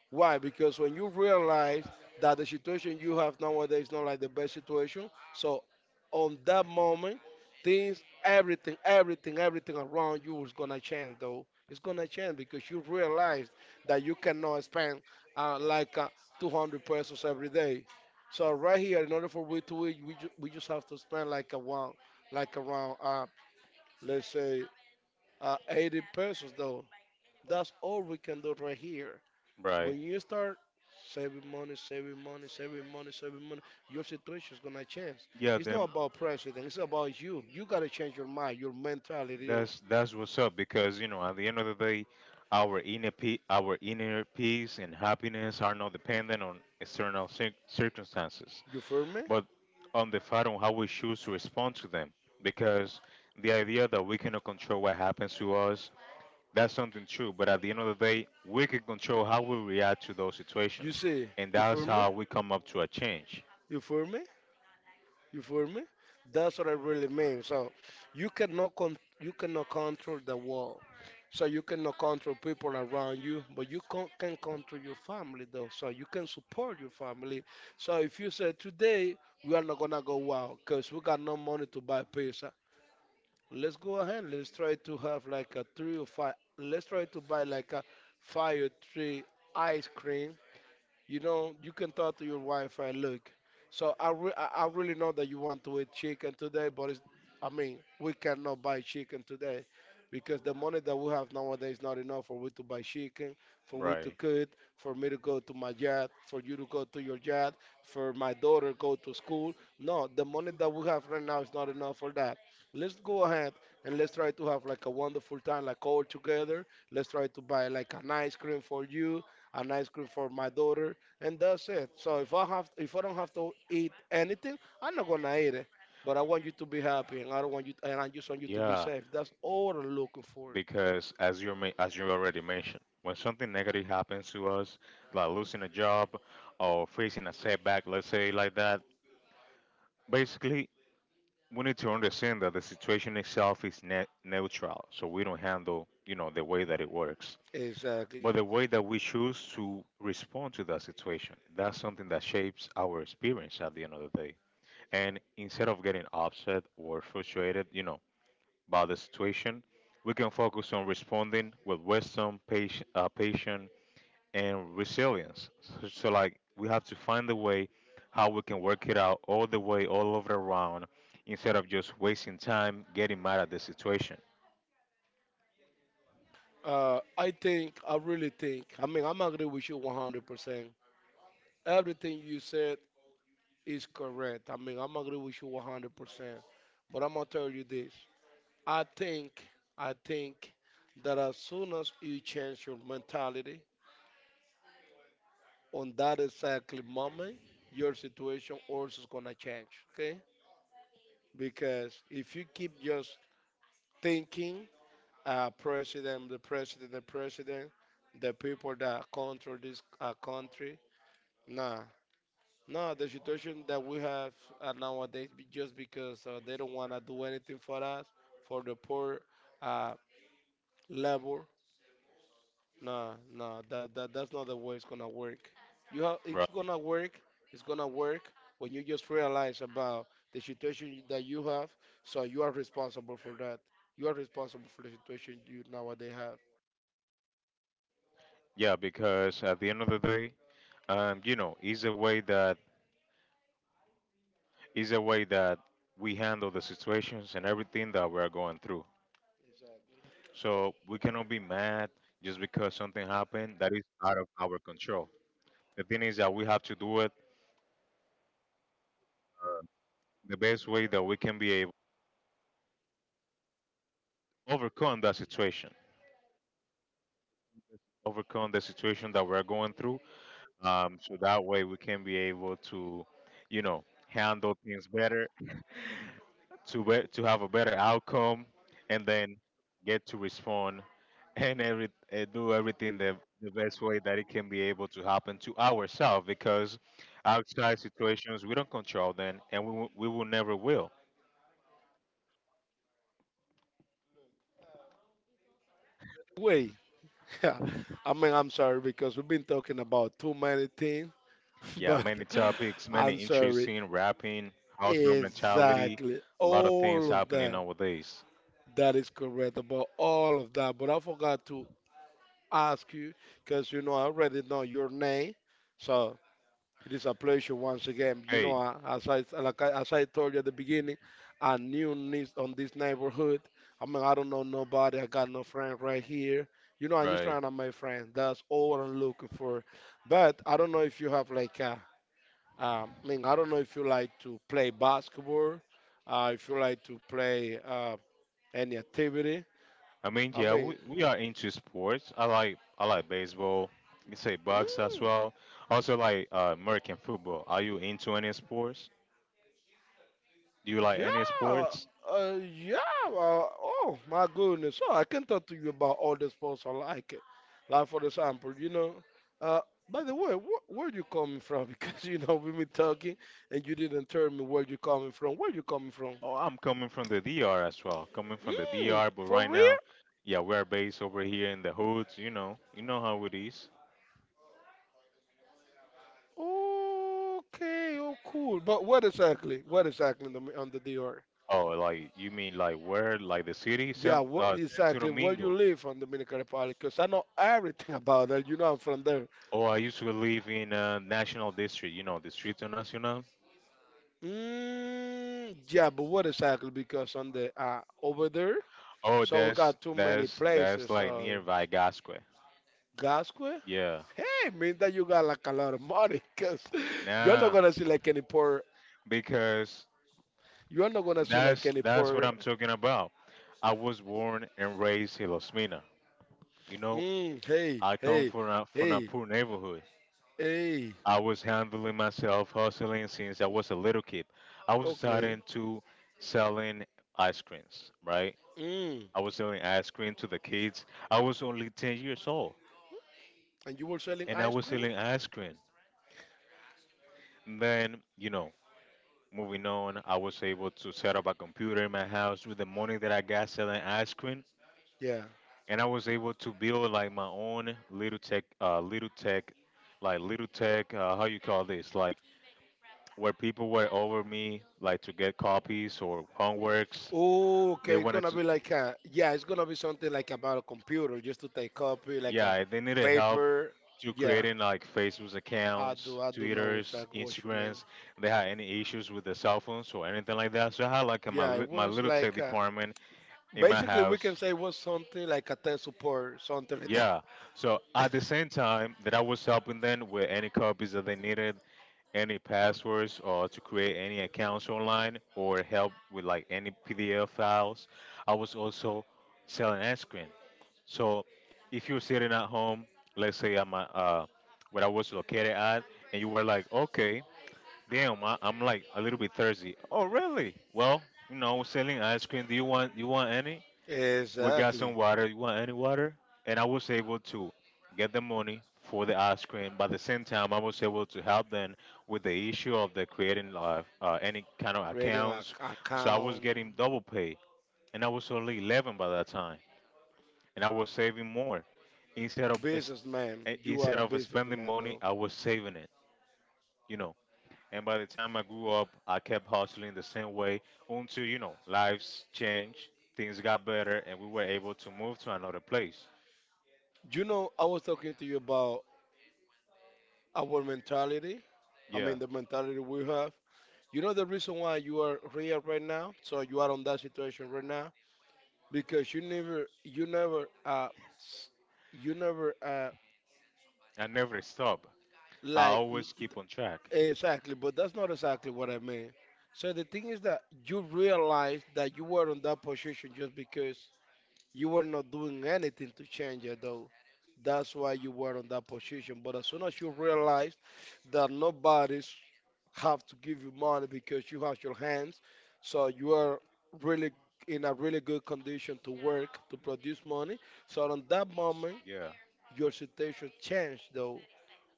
Speaker 1: Why? Because when you realize that the situation you have nowadays is not like the best situation, so on that moment, things, everything, everything, everything around you is gonna change. Though it's gonna change because you realize that you cannot spend uh, like uh, two hundred pesos every day. So right here, in order for we to eat, we, ju- we just have to spend like a one, like around uh, let's say uh, eighty pesos. Though that's all we can do right here.
Speaker 2: Right.
Speaker 1: When you start saving money, saving money, saving money, saving money, your situation is gonna change.
Speaker 2: Yeah.
Speaker 1: It's
Speaker 2: Then
Speaker 1: not about president. It's about you. You gotta change your mind, your mentality. You
Speaker 2: that's that's what's up, because you know at the end of the day, our inner pe- our inner peace and happiness are not dependent on external cir- circumstances,
Speaker 1: you feel me?
Speaker 2: but on the fact on how we choose to respond to them. Because the idea that we cannot control what happens to us, that's something true. But at the end of the day, we can control how we react to those
Speaker 1: You
Speaker 2: situations,
Speaker 1: see?
Speaker 2: and
Speaker 1: You
Speaker 2: that's
Speaker 1: feel me?
Speaker 2: how we come up to a change.
Speaker 1: You feel me? You feel me? That's what I really mean. So you cannot con- you cannot control the world. So you cannot control people around you, but you con- can control your family though. So you can support your family. So if you say today we are not gonna go out because we got no money to buy pizza, let's go ahead. Let's try to have like a three or five. Let's try to buy like a five or three ice cream, you know, you can talk to your wife and look. So I re- I I really know that you want to eat chicken today, but it's, I mean, we cannot buy chicken today because the money that we have nowadays is not enough for we to buy chicken, for we to
Speaker 2: Right.
Speaker 1: cook, for me to go to my job, for you to go to your job, for my daughter go to school. No, the money that we have right now is not enough for that. Let's go ahead and let's try to have like a wonderful time, like all together. Let's try to buy like an ice cream for you, an ice cream for my daughter and that's it. So if I have, if I don't have to eat anything, I'm not gonna eat it. But I want you to be happy, and I don't want you, and I just want you to be
Speaker 2: Yeah,
Speaker 1: safe. That's all I'm looking for.
Speaker 2: because as you ma- as you already mentioned, when something negative happens to us, like losing a job or facing a setback, let's say like that, basically we need to understand that the situation itself is ne- neutral, so we don't handle, you know, the way that it works.
Speaker 1: Exactly.
Speaker 2: But the way that we choose to respond to that situation, that's something that shapes our experience at the end of the day. And instead of getting upset or frustrated, you know, by the situation, we can focus on responding with wisdom, patient, uh, patience, and resilience. So, so, like, we have to find the way how we can work it out all the way, all over around, instead of just wasting time getting mad at the situation.
Speaker 1: Uh, I think, I really think. I mean, I'm agree with you one hundred percent. Everything you said is correct. I mean, I'm agree with you one hundred percent. But I'm gonna tell you this. I think, I think that as soon as you change your mentality on that exactly moment, your situation also is gonna change. Okay? Because if you keep just thinking, uh, president, the president, the president, the people that control this uh, country, nah, nah. The situation that we have uh, nowadays, be just because uh, they don't wanna do anything for us, for the poor, uh, labor. No, no, that, that that's not the way it's gonna work. You have, it's
Speaker 2: Right.
Speaker 1: gonna work. It's gonna work when you just realize about the situation that you have. So you are responsible for that. You are responsible for the situation you nowadays have.
Speaker 2: Yeah, because at the end of the day, um, you know, is a way that is a way that we handle the situations and everything that we are going through. So we cannot be mad just because something happened that is out of our control. The thing is that we have to do it the best way that we can be able to overcome that situation, overcome the situation that we're going through. Um, so that way we can be able to, you know, handle things better, (laughs) to be- to have a better outcome, and then get to respond and every uh, do everything the the best way that it can be able to happen to ourselves because outside situations we don't control them, and we, will- we will never will.
Speaker 1: Wait, (laughs) I mean, I'm sorry because we've been talking about too many things, (laughs)
Speaker 2: Yeah,
Speaker 1: but
Speaker 2: many topics, many
Speaker 1: I'm sorry.
Speaker 2: interesting rapping, household mentality,
Speaker 1: Exactly,
Speaker 2: a lot of things
Speaker 1: all of
Speaker 2: happening
Speaker 1: that.
Speaker 2: nowadays.
Speaker 1: That is correct about all of that. But I forgot to ask you because you know I already know your name. So it is a pleasure once again. You know,
Speaker 2: Hey,
Speaker 1: I- as I like I, as I told you at the beginning, I new needs on this neighborhood. I mean, I don't know nobody. I got no friend right here. You know, I'm just
Speaker 2: right.
Speaker 1: trying to make friends. That's all what I'm looking for. But I don't know if you have like a, um, I mean, I don't know if you like to play basketball. Uh, if you like to play uh, any activity.
Speaker 2: I mean,
Speaker 1: I
Speaker 2: yeah,
Speaker 1: mean.
Speaker 2: we, we are into sports. I like I like baseball. You say box as
Speaker 1: Mm,
Speaker 2: well. Also like uh, American football. Are you into any sports? Do you like any
Speaker 1: yeah,
Speaker 2: sports?
Speaker 1: uh, yeah. Uh, oh my goodness. So I can talk to you about all the sports I like. Like for example, you know. Uh, by the way, wh- where you coming from? (laughs) Because you know we been talking and you didn't tell me where you coming from. Where you coming from?
Speaker 2: Oh, I'm coming from the D R as well. Coming from the
Speaker 1: Mm,
Speaker 2: D R, but
Speaker 1: for
Speaker 2: right
Speaker 1: real?
Speaker 2: now, yeah, we're based over here in the hoods. You know, you know how it is.
Speaker 1: Okay, oh cool. But what exactly? What exactly in the, on the D R?
Speaker 2: Oh, like you mean like where? Like the city,
Speaker 1: Yeah,
Speaker 2: San,
Speaker 1: what
Speaker 2: uh, Santo
Speaker 1: exactly where you
Speaker 2: Domingo.
Speaker 1: live on Dominican Republic? Because I know everything (laughs) about that. You know I'm from there.
Speaker 2: Oh, I used to live in uh, National District. You know, Distrito Nacional.
Speaker 1: Mm, yeah, but what exactly? Because on the uh, over there,
Speaker 2: Oh,
Speaker 1: so we
Speaker 2: that's
Speaker 1: got too many
Speaker 2: that's that's
Speaker 1: places.
Speaker 2: like
Speaker 1: So
Speaker 2: nearby Gasque.
Speaker 1: Gasque,
Speaker 2: Yeah.
Speaker 1: hey, means that you got like a lot of money, cause (laughs) you're not
Speaker 2: Nah,
Speaker 1: gonna see like any poor.
Speaker 2: because
Speaker 1: You're not gonna see like
Speaker 2: that's
Speaker 1: any
Speaker 2: that's what
Speaker 1: poor.
Speaker 2: I'm talking about. I was born and raised in Los Mina. You know,
Speaker 1: Mm, hey,
Speaker 2: I come
Speaker 1: hey,
Speaker 2: from a, from a
Speaker 1: hey,
Speaker 2: poor neighborhood.
Speaker 1: hey.
Speaker 2: I was handling myself, hustling since I was a little kid. I was
Speaker 1: Okay.
Speaker 2: starting to selling ice creams, right?
Speaker 1: Mm.
Speaker 2: I was selling ice cream to the kids. I was only ten years old
Speaker 1: And you were selling
Speaker 2: and I
Speaker 1: ice
Speaker 2: was
Speaker 1: cream?
Speaker 2: selling ice cream. And then, you know, moving on, I was able to set up a computer in my house with the money that I got selling ice cream.
Speaker 1: Yeah.
Speaker 2: And I was able to build like my own little tech, uh, little tech, like little tech, uh, how you call this? Like where people were over me, like to get copies or homeworks. They
Speaker 1: Okay, it's
Speaker 2: wanted
Speaker 1: gonna
Speaker 2: to.
Speaker 1: be like a yeah, it's gonna be something like about a computer, just to take copy, like a
Speaker 2: Yeah, they need a help
Speaker 1: paper.
Speaker 2: to
Speaker 1: Yeah.
Speaker 2: creating like Facebook
Speaker 1: I
Speaker 2: accounts,
Speaker 1: do, I do know
Speaker 2: Twitters,
Speaker 1: exactly what you mean.
Speaker 2: Instagrams. They had any issues with the cell phones or anything like that. So I had like my
Speaker 1: Yeah, it
Speaker 2: li- my
Speaker 1: was
Speaker 2: little tech
Speaker 1: like uh
Speaker 2: department in my
Speaker 1: basically we can
Speaker 2: house.
Speaker 1: say it was something like a tech support, something like that.
Speaker 2: Yeah. So
Speaker 1: (laughs)
Speaker 2: at the same time that I was helping them with any copies that they needed, any passwords or to create any accounts online or help with like any P D F files, I was also selling ice cream. So if you're sitting at home, let's say I'm at, uh, where I was located at, and you were like, okay, damn, I, I'm like a little bit thirsty. Oh, really? Well, you know, we're selling ice cream. Do you want you want any? We got
Speaker 1: Exactly.
Speaker 2: some water. You want any water? And I was able to get the money for the ice cream. But at the same time, I was able to help them with the issue of the creating uh, uh, any kind of
Speaker 1: Creating a
Speaker 2: accounts. So I was
Speaker 1: account,
Speaker 2: getting double pay, and I was only eleven by that time and I was saving more. Instead of es-
Speaker 1: businessman.
Speaker 2: eh,
Speaker 1: You are
Speaker 2: instead
Speaker 1: a
Speaker 2: of spending
Speaker 1: businessman
Speaker 2: money,
Speaker 1: though.
Speaker 2: I was saving it. You know. And by the time I grew up, I kept hustling the same way until you know lives changed, things got better, and we were able to move to another place.
Speaker 1: You know, I was talking to you about our mentality. I
Speaker 2: Yeah,
Speaker 1: mean, the mentality we have. You know the reason why you are here right now, so you are on that situation right now, because you never, you never, uh, s- you never, uh,
Speaker 2: I never stop. I
Speaker 1: like.
Speaker 2: always keep on track.
Speaker 1: Exactly, but that's not exactly what I mean. So the thing is that you realize that you were in that position just because you were not doing anything to change it, though. That's why you were in that position. But as soon as you realize that nobody's have to give you money because you have your hands, so you are really in a really good condition to work to produce money. So on that moment,
Speaker 2: Yeah,
Speaker 1: your situation changed, though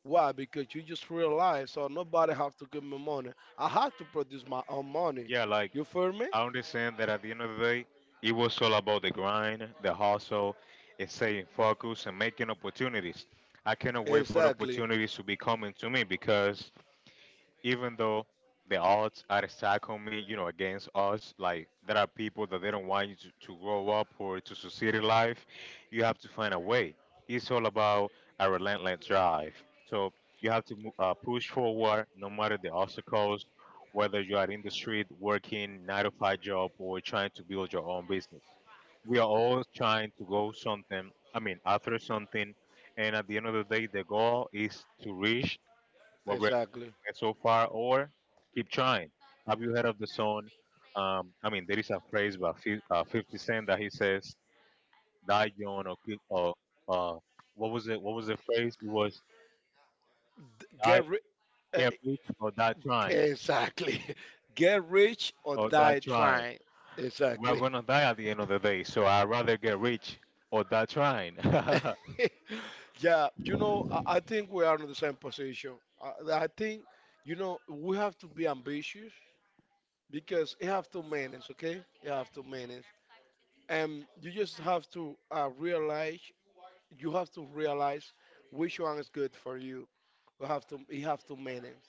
Speaker 1: why? Because you just realize, so nobody have to give me money. I have to produce my own money.
Speaker 2: yeah. Like
Speaker 1: You feel me?
Speaker 2: I understand that at the end of the day, it was all about the grind, the hustle, and staying focused and making opportunities. I cannot wait for the
Speaker 1: Exactly.
Speaker 2: opportunities to be coming to me because even though the odds are stacked on me, you know, against us, like there are people that they don't want you to, to grow up or to succeed in life, you have to find a way. It's all about a relentless drive. So you have to mo- uh, push forward no matter the obstacles, whether you are in the street working nine to five job or trying to build your own business. We are all trying to go something, I mean, after something. And at the end of the day, the goal is to reach what we're
Speaker 1: Exactly.
Speaker 2: and so far, or keep trying. Have you heard of the song? Um, I mean, there is a phrase by Fif- uh, fifty Cent that he says, "Die young or keep or uh, what was it? What was the phrase? It was
Speaker 1: D-
Speaker 2: die
Speaker 1: Get ri- eh,
Speaker 2: get rich or die
Speaker 1: eh,
Speaker 2: trying
Speaker 1: exactly. (laughs) Get rich or
Speaker 2: or die
Speaker 1: die
Speaker 2: trying.
Speaker 1: trying.
Speaker 2: We're
Speaker 1: Exactly.
Speaker 2: gonna die at the end of the day, so I'd rather get rich or die trying." (laughs)
Speaker 1: (laughs) Yeah. You know, I, I think we are in the same position. I, I think, you know, we have to be ambitious because you have to manage. Okay, you have to manage, and you just have to uh, realize you have to realize which one is good for you. You have to you have to manage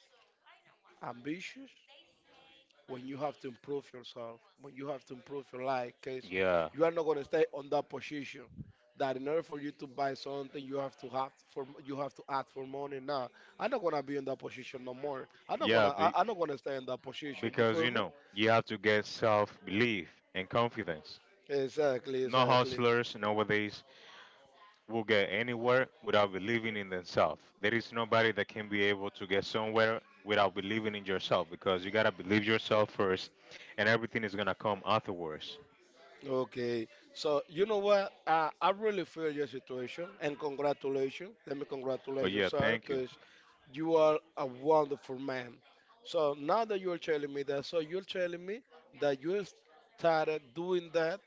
Speaker 1: ambitious when you have to improve yourself, when you have to improve your life, because
Speaker 2: Yeah,
Speaker 1: you are not gonna stay on that position. That in order for you to buy something, you have to have for you have to ask for money. Now, I'm not gonna be in that position no more. I'm not gonna
Speaker 2: yeah,
Speaker 1: I,
Speaker 2: be,
Speaker 1: I'm not gonna stay in that position. You
Speaker 2: because
Speaker 1: feel
Speaker 2: you
Speaker 1: me?
Speaker 2: know you have to get self belief and confidence.
Speaker 1: Exactly,
Speaker 2: No
Speaker 1: exactly.
Speaker 2: hustlers nowadays will get anywhere without believing in themselves. There is nobody that can be able to get somewhere without believing in yourself because you gotta believe yourself first, and everything is gonna come afterwards.
Speaker 1: Okay, so you know what? I, I really feel your situation and congratulations. Let me
Speaker 2: Oh
Speaker 1: congratulate you,
Speaker 2: yeah,
Speaker 1: sir,
Speaker 2: thank you.
Speaker 1: because you are a wonderful man. So now that you're telling me that, so you're telling me that you started doing that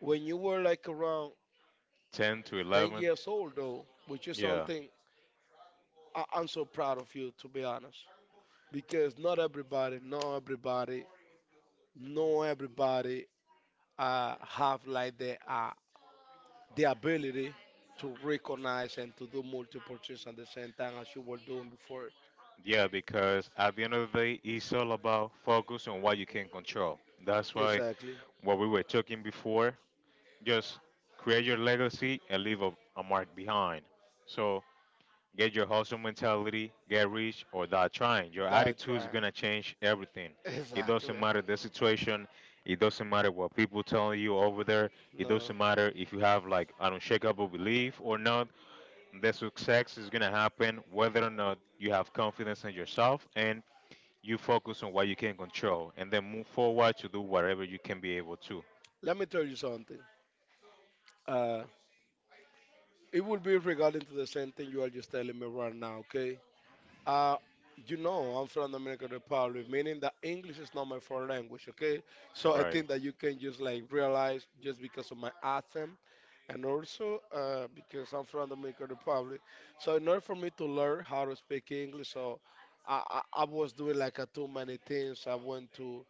Speaker 1: when you were like around
Speaker 2: Ten to
Speaker 1: ten
Speaker 2: eleven.
Speaker 1: years old, though, which is
Speaker 2: Yeah,
Speaker 1: something I- I'm so proud of you, to be honest. Because not everybody, not everybody, not everybody uh, have like the, uh, the ability to recognize and to do multiple things at the same time as you were doing before.
Speaker 2: yeah, because at the end of the day, it's all about focus on what you can control. That's why
Speaker 1: Exactly.
Speaker 2: what we were talking before, just create your legacy and leave a, a mark behind. So get your hustle mentality, get rich, or die trying. Your
Speaker 1: That
Speaker 2: attitude is
Speaker 1: trying.
Speaker 2: gonna change everything.
Speaker 1: (laughs)
Speaker 2: It doesn't
Speaker 1: Exactly.
Speaker 2: matter the situation. It doesn't matter what people telling you over there. It
Speaker 1: No.
Speaker 2: doesn't matter if you have like an unshakable belief or not. The success is gonna happen whether or not you have confidence in yourself and you focus on what you can control and then move forward to do whatever you can be able to.
Speaker 1: Let me tell you something. Uh, it will be regarding to the same thing you are just telling me right now, okay? Uh, you know, I'm from Dominican Republic, meaning that English is not my foreign language, okay? So I
Speaker 2: Right.
Speaker 1: think that you can just like realize just because of my accent and also uh, because I'm from Dominican Republic. So in order for me to learn how to speak English, so I, I, I was doing like a too many things. I went to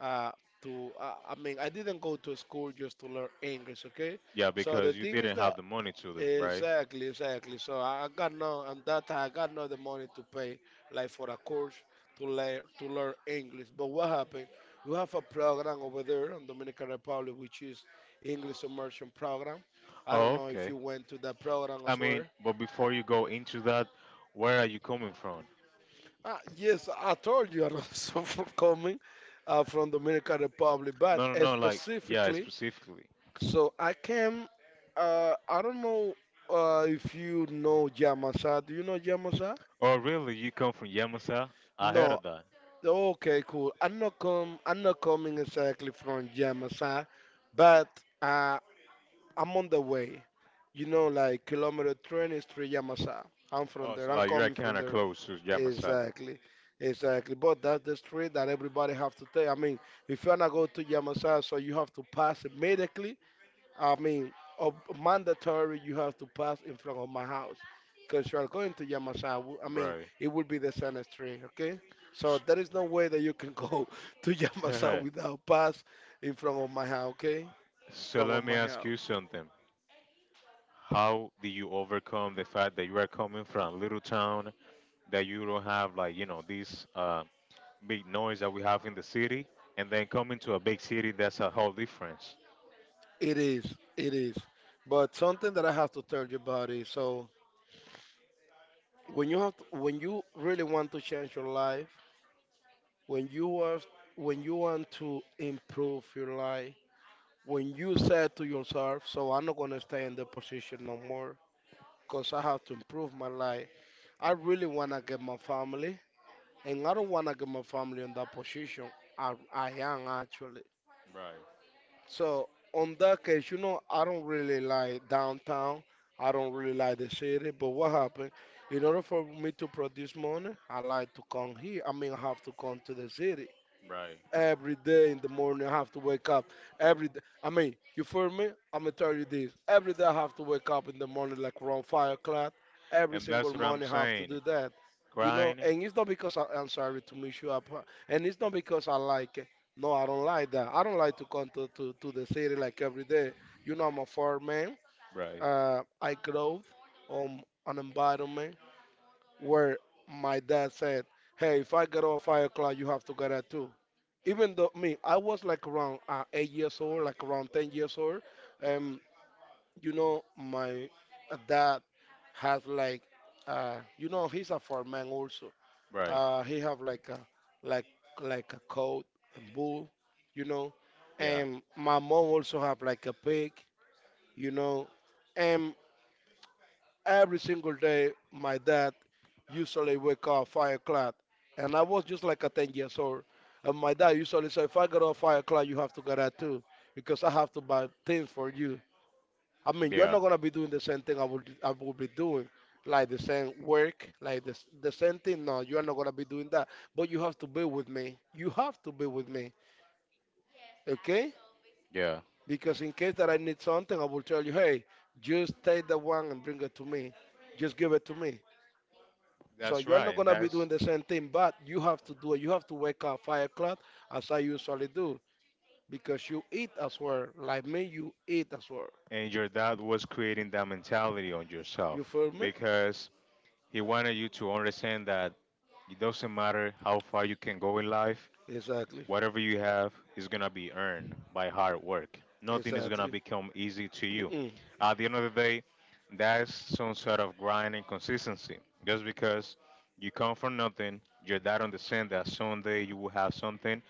Speaker 1: uh, to uh, I mean I didn't go to school just to learn English, okay?
Speaker 2: Yeah,
Speaker 1: So the
Speaker 2: because you
Speaker 1: thing is
Speaker 2: didn't have
Speaker 1: that
Speaker 2: the money to do, right?
Speaker 1: exactly, exactly. So I, I got no and that time I got no the money to pay like for a course to learn to learn English. But what happened? We have a program over there in Dominican Republic which is English immersion program. I don't
Speaker 2: Oh,
Speaker 1: know if
Speaker 2: okay.
Speaker 1: you went to that program
Speaker 2: I
Speaker 1: as well.
Speaker 2: mean, but before you go into that, where are you coming from?
Speaker 1: Ah, yes, I told you I was (laughs) from coming uh, from Dominican Republic, but
Speaker 2: No, no,
Speaker 1: uh,
Speaker 2: no. Like, yeah,
Speaker 1: specifically.
Speaker 2: specifically.
Speaker 1: So I came. Uh, I don't know uh, if you know Yamasa. Do you know Yamasa?
Speaker 2: Oh, really? You come from Yamasa? I heard
Speaker 1: No.
Speaker 2: of that.
Speaker 1: Okay, cool. I'm not come. I'm not coming exactly from Yamasa, but uh, I'm on the way. You know, like kilometer two three Yamasa. I'm from
Speaker 2: Oh,
Speaker 1: there.
Speaker 2: so
Speaker 1: I'm
Speaker 2: like you're
Speaker 1: coming from
Speaker 2: kind of
Speaker 1: there.
Speaker 2: close to Yamasa,
Speaker 1: Exactly. Exactly. But that's the street that everybody have to take. I mean, if you wanna go to Yamasa, so you have to pass immediately. I mean, ob- mandatory you have to pass in front of my house because you are going to Yamasa. I mean,
Speaker 2: right?
Speaker 1: it will be the same street, okay? So there is no way that you can go (laughs) to Yamasa
Speaker 2: S-
Speaker 1: without pass in front of my house, okay?
Speaker 2: (laughs) so
Speaker 1: Front of
Speaker 2: let me
Speaker 1: my
Speaker 2: ask
Speaker 1: house.
Speaker 2: you something. How do you overcome the fact that you are coming from a little town that you don't have like you know this uh, big noise that we have in the city, and then coming to a big city that's a whole difference.
Speaker 1: It is, it is. But something that I have to tell you about is so when you have to, when you really want to change your life, when you are when you want to improve your life, when you said to yourself, so I'm not going to stay in the position no more because I have to improve my life. I really want to get my family, and I don't want to get my family in that position. I, I am actually.
Speaker 2: Right,
Speaker 1: So, on that case, you know, I don't really like downtown. I don't really like the city. But what happened? In order for me to produce money, I like to come here. I mean, I have to come to the city
Speaker 2: right.
Speaker 1: every day in the morning. I have to wake up every day. I mean, you feel me? I'm gonna tell you this. Every day I have to wake up in the morning, like around five o'clock. Every
Speaker 2: And
Speaker 1: single
Speaker 2: that's what I'm
Speaker 1: morning I have to
Speaker 2: saying.
Speaker 1: do that. You know,
Speaker 2: Grind.
Speaker 1: and it's not because I, I'm sorry to mess you up, huh? And it's not because I like it. No, I don't like that. I don't like to come to, to, to the city like every day. You know, I'm a farm man.
Speaker 2: Right.
Speaker 1: Uh, I grew on an environment where my dad said, "Hey, if I get up at five o'clock, you have to get at two even though me, I was like around uh, eight years old, like around ten years old. Um, you know, my uh, dad has like, uh, you know, he's a farmman also.
Speaker 2: Right.
Speaker 1: Uh, he have like a like like a coat and bull, you know,
Speaker 2: Yeah.
Speaker 1: and my mom also have like a pig, you know. Every single day, my dad usually wake up five o'clock, and I was just like a ten years old. And my dad usually say, if I get up five o'clock, you have to get up too, because I have to buy things for you. I mean, you're
Speaker 2: Yeah.
Speaker 1: not gonna be doing the same thing I would I would be doing, like the same work, like the s- the same thing. No, you're not gonna be doing that. But you have to be with me. You have to be with me, okay?
Speaker 2: Yeah.
Speaker 1: Because in case that I need something, I will tell you, hey, just take the one and bring it to me. Just give it to me. So
Speaker 2: That's
Speaker 1: you are not
Speaker 2: right. And
Speaker 1: gonna be doing
Speaker 2: that's
Speaker 1: the same thing, but you have to do it. You have to wake up five o'clock as I usually do because you eat as well. Like me, you eat as well.
Speaker 2: and your dad was creating that mentality on yourself
Speaker 1: You feel me?
Speaker 2: because he wanted you to understand that it doesn't matter how far you can go in life.
Speaker 1: Exactly.
Speaker 2: Whatever you have is gonna be earned by hard work. Nothing is gonna
Speaker 1: Exactly.
Speaker 2: become easy to you.
Speaker 1: Mm-mm.
Speaker 2: At the end of the day, that's some sort of grind and consistency. Just because you come from nothing, your dad understands that someday you will have something,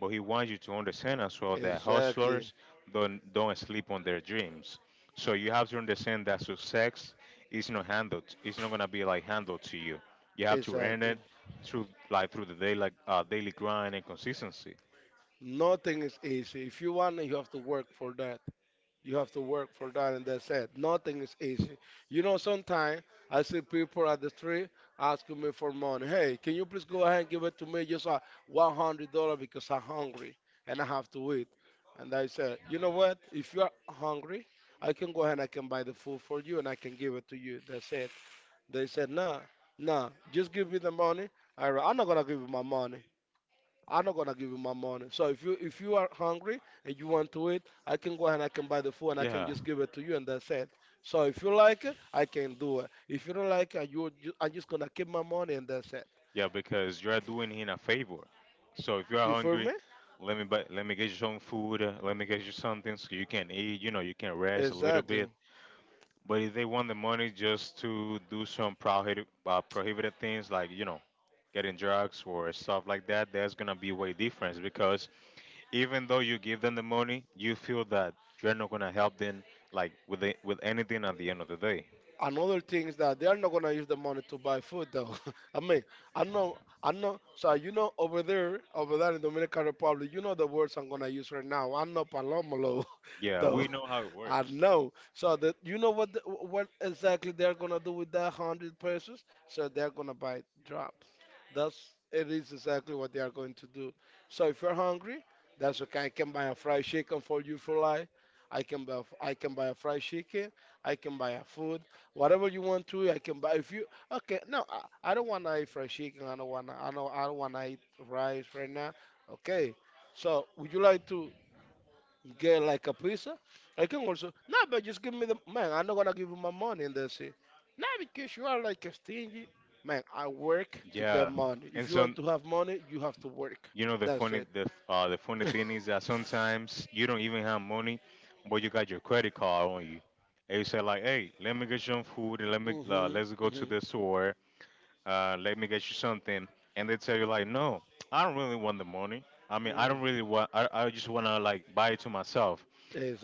Speaker 2: but he wants you to understand as well that
Speaker 1: Exactly.
Speaker 2: hustlers don't don't sleep on their dreams. So you have to understand that success is not handled. It's not gonna be like handled to you. You have to earn it
Speaker 1: Exactly.
Speaker 2: through like through the daily like uh, daily grind and consistency.
Speaker 1: Nothing is easy. If you want, it, you have to work for that. You have to work for that, and that's it. Nothing is easy. You know, sometimes I see people at the street asking me for money. Hey, can you please go ahead and give it to me just uh, one hundred dollars because I'm hungry and I have to eat? And I said, you know what? If you are hungry, I can go ahead and I can buy the food for you and I can give it to you. That's it. They said, nah, nah, just give me the money. I, I'm not going to give you my money. I'm not gonna give you my money. So if you if you are hungry and you want to eat, I can go ahead and I can buy the food and I can
Speaker 2: Yeah,
Speaker 1: just give it to you and that's it. So if you like it, I can do it. If you don't like it, you ju- I'm just gonna keep my money and that's it.
Speaker 2: yeah, because you are doing him a favor. So if you are
Speaker 1: You feel
Speaker 2: hungry,
Speaker 1: me?
Speaker 2: let me buy, let me get you some food. uh, Let me get you something so you can eat. You know, you can rest a little
Speaker 1: Exactly.
Speaker 2: bit. But if they want the money just to do some prohibited uh, prohibited things like you know getting drugs or stuff like that, that's gonna be way different because even though you give them the money, you feel that you're not gonna help them like with the, with anything at the end of the day.
Speaker 1: Another thing is that they are not gonna use the money to buy food though. (laughs) I mean, I know, I know. So you know, over there, over there in Dominican Republic, you know the words I'm gonna use right now. I know palomalo, (laughs)
Speaker 2: Yeah,
Speaker 1: though.
Speaker 2: we know how it
Speaker 1: I
Speaker 2: works.
Speaker 1: know. So that you know what the, what exactly they're gonna do with that hundred pesos? So they're gonna buy drops. That's it is exactly what they are going to do. So if you're hungry, that's okay. I can buy a fried chicken for you for life. I can buy I can buy a fried chicken. I can buy a food, whatever you want to eat, I can buy if you okay. No, I, I don't wanna eat fried chicken. I don't wanna I don't I don't wanna eat rice right now. Okay. So would you like to? You get like a pizza. I can also no, but just give me the man. I'm not gonna give you my money. And they say, no, because you are like a stingy man. I work to get
Speaker 2: Yeah.
Speaker 1: money. If
Speaker 2: And
Speaker 1: you
Speaker 2: so,
Speaker 1: want to have money, you have to work.
Speaker 2: you know, the
Speaker 1: That's
Speaker 2: funny
Speaker 1: it.
Speaker 2: the uh, the funny
Speaker 1: (laughs)
Speaker 2: thing is that sometimes you don't even have money, but you got your credit card on you. And you say like, "Hey, let me get you some food, and let me uh,
Speaker 1: Mhm.
Speaker 2: let's go to
Speaker 1: Mhm.
Speaker 2: the store. Uh, let me get you something." And they tell you like, "No, I don't really want the money. I mean, I
Speaker 1: Mm.
Speaker 2: don't really want. I, I just wanna like buy it to myself.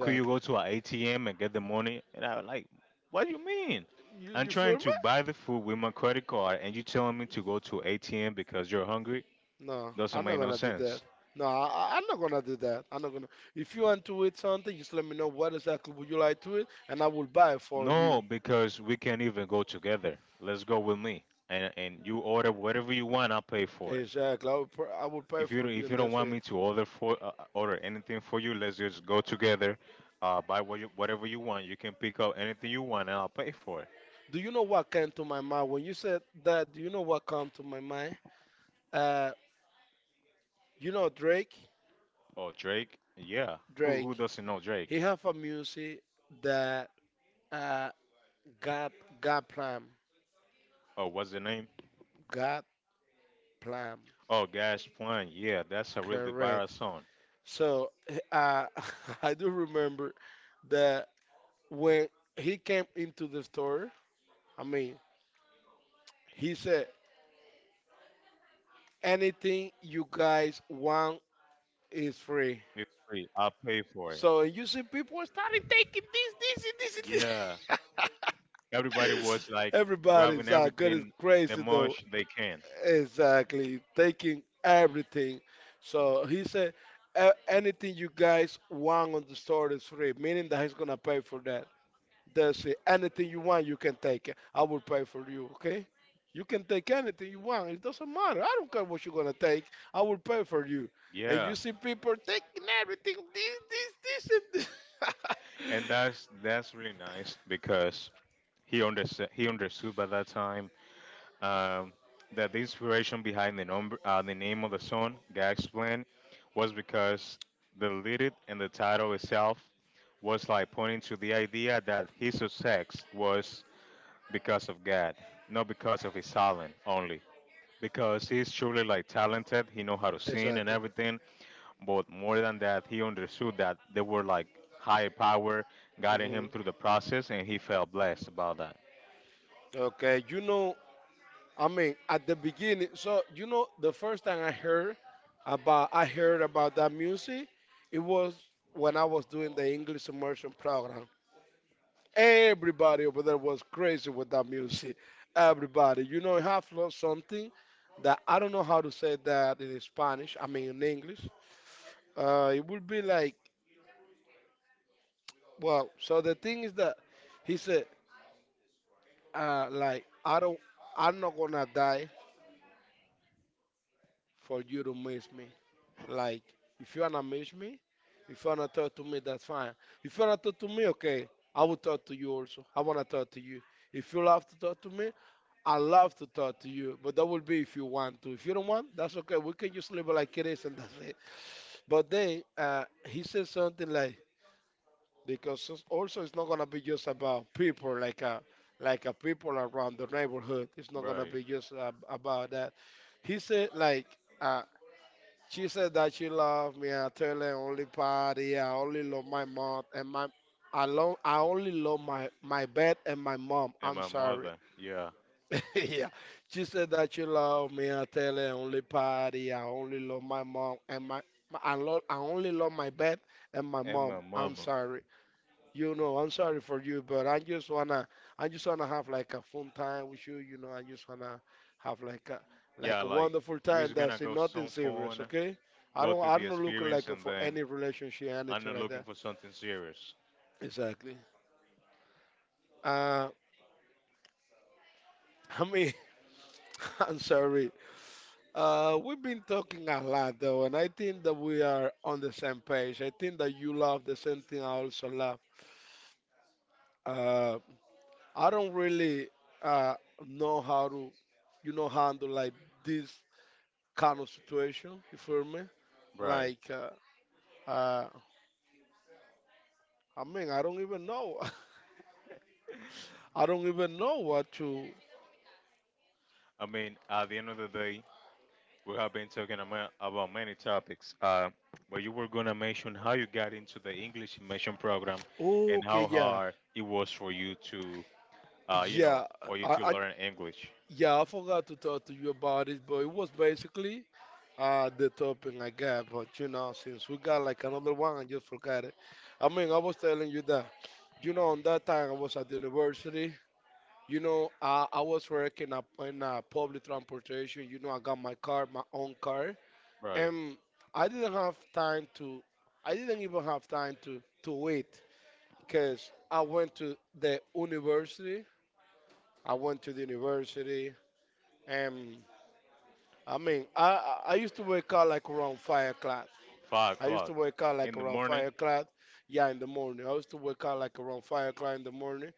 Speaker 2: Could you go to an A T M and get the money?" And I was like, "What do you mean?
Speaker 1: You
Speaker 2: I'm
Speaker 1: you feel
Speaker 2: trying to
Speaker 1: me?
Speaker 2: buy the food with my credit card, and you telling me to go to A T M because you're hungry?
Speaker 1: No,
Speaker 2: Doesn't
Speaker 1: I'm not
Speaker 2: make no
Speaker 1: gonna do that.
Speaker 2: sense."
Speaker 1: No, I, I- I'm not gonna do that. I'm not gonna. If you want to eat something, just let me know what exactly would you like to eat, and I will buy it for
Speaker 2: No,
Speaker 1: you.
Speaker 2: because we can't even go together. Let's go with me, and and you order whatever you want. I'll pay for it.
Speaker 1: Exactly. I will, pr- I will pay
Speaker 2: If you
Speaker 1: for
Speaker 2: don't-
Speaker 1: you,
Speaker 2: if you
Speaker 1: and
Speaker 2: don't
Speaker 1: that's
Speaker 2: want me
Speaker 1: it.
Speaker 2: to order for uh, uh, order anything for you, let's just go together. Uh, buy what you, whatever you want. You can pick up anything you want, and I'll pay for it.
Speaker 1: Do you know what came to my mind when you said that? Do you know what came to my mind? Uh, you know Drake.
Speaker 2: Oh, Drake, yeah. Who who
Speaker 1: Drake.
Speaker 2: doesn't know
Speaker 1: He
Speaker 2: Drake?
Speaker 1: have a music that uh God God plan
Speaker 2: Oh, what's the name?
Speaker 1: God plan
Speaker 2: Oh, Gas Plan. Yeah, that's a really viral
Speaker 1: correct.
Speaker 2: song.
Speaker 1: So uh, (laughs) I do remember that when he came into the store. I mean, he said anything you guys want is free.
Speaker 2: It's free. I'll pay for it.
Speaker 1: So you see people started taking this, this, and this,
Speaker 2: Yeah,
Speaker 1: and
Speaker 2: everybody
Speaker 1: this.
Speaker 2: was
Speaker 1: (laughs) (laughs)
Speaker 2: like grabbing
Speaker 1: Everybody's uh, good is
Speaker 2: everything the
Speaker 1: crazy though.
Speaker 2: most they can.
Speaker 1: Exactly, taking everything. So he said, "A- "anything you guys want on the store is free, meaning that he's gonna pay for that. That's it. Anything you want, you can take it. I will pay for you. Okay? You can take anything you want. It doesn't matter. I don't care what you're gonna take. I will pay for you. And you
Speaker 2: Yeah,
Speaker 1: see people taking everything. This, this, this, and this.
Speaker 2: and that's that's really nice because he understood he understood by that time um, that the inspiration behind the number uh, the name of the song Gag's Plan was because the lyric and the title itself was like pointing to the idea that his success was because of God, not because of his talent only. Because he's truly like talented, he know how to
Speaker 1: (laughs)
Speaker 2: sing and
Speaker 1: Exactly.
Speaker 2: everything, but more than that, he understood that they were like higher power guiding
Speaker 1: Hmm.
Speaker 2: him through the process, and he felt blessed about that.
Speaker 1: Okay. You know. I mean, at the beginning, so you know, the first time I heard about I heard about that music, it was when I was doing the English immersion program. Everybody over there was crazy with that music. Everybody, you know, I have learned something that I don't know how to say that in Spanish. I mean, in English, uh, it would be like, well, so the thing is that he said, uh, like, I don't, I'm not gonna die for you to miss me. Like, if you wanna miss me, if you wanna talk to me, that's fine. If you wanna talk to me, okay, I will talk to you also. I wanna talk to you. If you love to talk to me, I love to talk to you. But that will be if you want to. If you don't want, that's okay. We can just live it like it is and that's it. But then uh, he said something like because it's- also it's not gonna be just about people like uh like a people around the neighborhood. It's not gonna
Speaker 2: Right.
Speaker 1: be just uh, about that. He said like. Uh, she said that she loved me. I tell her only party. I only love my mom and my. I love. I only love my my bed and my mom.
Speaker 2: And
Speaker 1: I'm
Speaker 2: my
Speaker 1: sorry.
Speaker 2: mother, yeah.
Speaker 1: (laughs) Yeah. She said that she loved me. I tell her only party. I only love my mom and my. my- I love. I only love my bed and my
Speaker 2: And my
Speaker 1: mom. I'm
Speaker 2: mama.
Speaker 1: sorry. You know, I'm sorry for you, but I just wanna, I just wanna have like a fun time with you. You know, I just wanna have like a, like
Speaker 2: Yeah,
Speaker 1: a
Speaker 2: like
Speaker 1: wonderful
Speaker 2: we
Speaker 1: time.
Speaker 2: was gonna
Speaker 1: That's it,
Speaker 2: go
Speaker 1: nothing
Speaker 2: some
Speaker 1: serious,
Speaker 2: fun,
Speaker 1: okay? I
Speaker 2: go
Speaker 1: don't,
Speaker 2: through
Speaker 1: I
Speaker 2: the
Speaker 1: don't look
Speaker 2: experience
Speaker 1: like
Speaker 2: and
Speaker 1: for
Speaker 2: then
Speaker 1: any relationship,
Speaker 2: I'm
Speaker 1: anything
Speaker 2: not
Speaker 1: like
Speaker 2: looking
Speaker 1: that.
Speaker 2: for something serious.
Speaker 1: Exactly. Uh, I mean, (laughs) I'm sorry. Uh, we've been talking a lot though, and I think that we are on the same page. I think that you love the same thing I also love. Uh, I don't really uh know how to, you know, handle like this kind of situation. You feel me?
Speaker 2: Right.
Speaker 1: Like, uh, uh, I mean, I don't even know. (laughs) I don't even know what to.
Speaker 2: I mean, at the end of the day, we have been talking ama- about many topics. Uh, but you were gonna mention how you got into the English immersion program and
Speaker 1: Okay,
Speaker 2: how
Speaker 1: yeah,
Speaker 2: hard it was for you to uh, you
Speaker 1: yeah.
Speaker 2: know, for you
Speaker 1: I,
Speaker 2: to
Speaker 1: I
Speaker 2: learn English.
Speaker 1: yeah, I forgot to talk to you about it, but it was basically uh the topic I got. But you know, since we got like another one, I just forgot it. I mean, I was telling you that. You know, on that time I was at the university. You know, I, I was working up in uh, public transportation. You know, I got my car, my own car.
Speaker 2: Right.
Speaker 1: And I didn't have time to. I didn't even have time to to wait because I went to the university. I went to the university, and I mean, I I I used to wake up like around five o'clock.
Speaker 2: Five
Speaker 1: I used to
Speaker 2: o'clock
Speaker 1: wake up like
Speaker 2: in the
Speaker 1: around
Speaker 2: morning.
Speaker 1: five o'clock. Yeah, in the morning. I used to wake up like around five o'clock in the morning.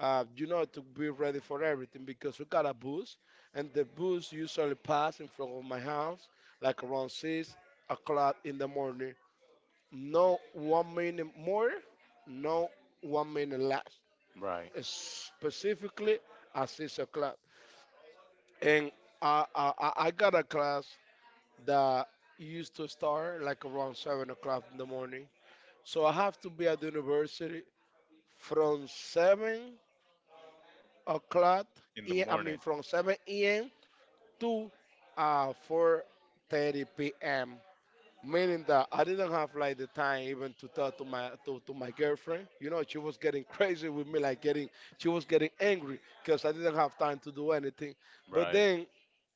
Speaker 1: Uh, you know, to be ready for everything because we got a bus, and the bus usually pass in front of my house like around six o'clock in the morning. No one minute more, no one minute less.
Speaker 2: Right.
Speaker 1: Specifically at six o'clock. And I, I, I I got a class that used to start like around seven o'clock in the morning. So I have to be at the university from seven o'clock.
Speaker 2: In the
Speaker 1: I I mean
Speaker 2: morning.
Speaker 1: from seven a m to uh, four thirty p m, meaning that I didn't have like the time even to talk to my to, to my girlfriend. You know, she was getting crazy with me, like getting she was getting angry because I didn't have time to do anything. But
Speaker 2: Right.
Speaker 1: then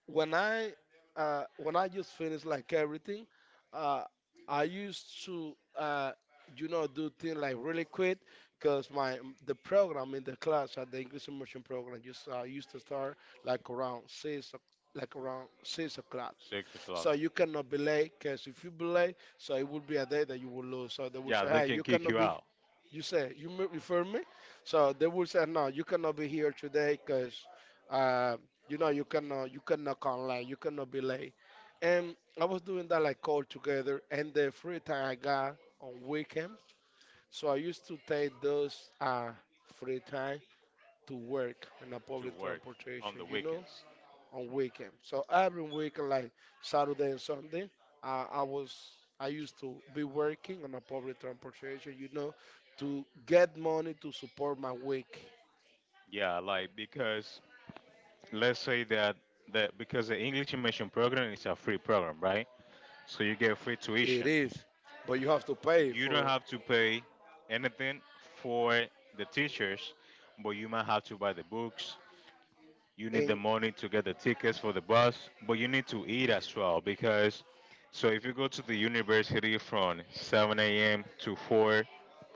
Speaker 1: when I uh, when I just finished like everything, uh, I used to uh, you know do things like really quick because my the program in the class at the English immersion program just uh, used to start like around six o- like around six o'clock,
Speaker 2: Six o'clock.
Speaker 1: so you cannot be late because if you be late, so it will be a day that you will lose. So they will
Speaker 2: Yeah,
Speaker 1: say,
Speaker 2: they
Speaker 1: hey,
Speaker 2: can
Speaker 1: you
Speaker 2: kick
Speaker 1: cannot
Speaker 2: you
Speaker 1: be.
Speaker 2: out
Speaker 1: You say you m- refer me, so they will say no. You cannot be here today because uh, you know you cannot you cannot come late. You cannot be late. And I was doing that like all together. And the free time I got on weekend, so I used to take those uh, free time to work in a
Speaker 2: to
Speaker 1: public
Speaker 2: work on
Speaker 1: transportation,
Speaker 2: the
Speaker 1: You know,
Speaker 2: weekends.
Speaker 1: on weekend. So every weekend, like Saturday and Sunday, uh, I was I used to be working on a public transportation, you know, to get money to support my week.
Speaker 2: Yeah, like because let's say that that because the English immersion program is a free program, right? So you get free
Speaker 1: It
Speaker 2: tuition.
Speaker 1: is, but you have to pay
Speaker 2: You don't
Speaker 1: for.
Speaker 2: have to pay anything for the teachers, but you might have to buy the books. You need the
Speaker 1: In
Speaker 2: money to get the tickets for the bus, but you need to eat as well, because so if you go to the university from seven a m to four,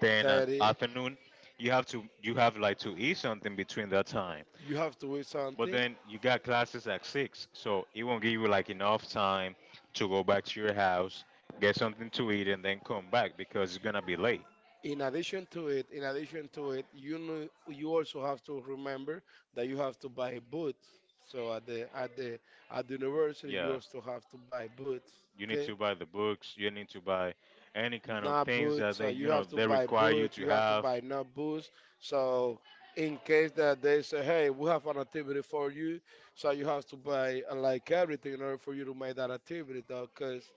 Speaker 2: then at
Speaker 1: thirty,
Speaker 2: afternoon, you have to you have like to eat something between that time.
Speaker 1: you have to eat
Speaker 2: But
Speaker 1: something.
Speaker 2: then you got classes at six, so it won't give you like enough time to go back to your house, get something to eat, and then come back because it's gonna be late.
Speaker 1: In addition to it, in addition to it, you know, you also have to remember that you have to buy boots. So at the at the at the university, you
Speaker 2: Yeah,
Speaker 1: also have to buy boots.
Speaker 2: you need
Speaker 1: Okay.
Speaker 2: to buy the books. You need to buy any kind of
Speaker 1: Not
Speaker 2: things
Speaker 1: boots.
Speaker 2: that
Speaker 1: So
Speaker 2: they you
Speaker 1: you
Speaker 2: know
Speaker 1: have to
Speaker 2: they
Speaker 1: buy
Speaker 2: require you
Speaker 1: boots.
Speaker 2: to
Speaker 1: You have to
Speaker 2: have.
Speaker 1: buy not boots. So in case that they say, hey, we have an activity for you, so you have to buy uh, like everything in order for you to make that activity, though, because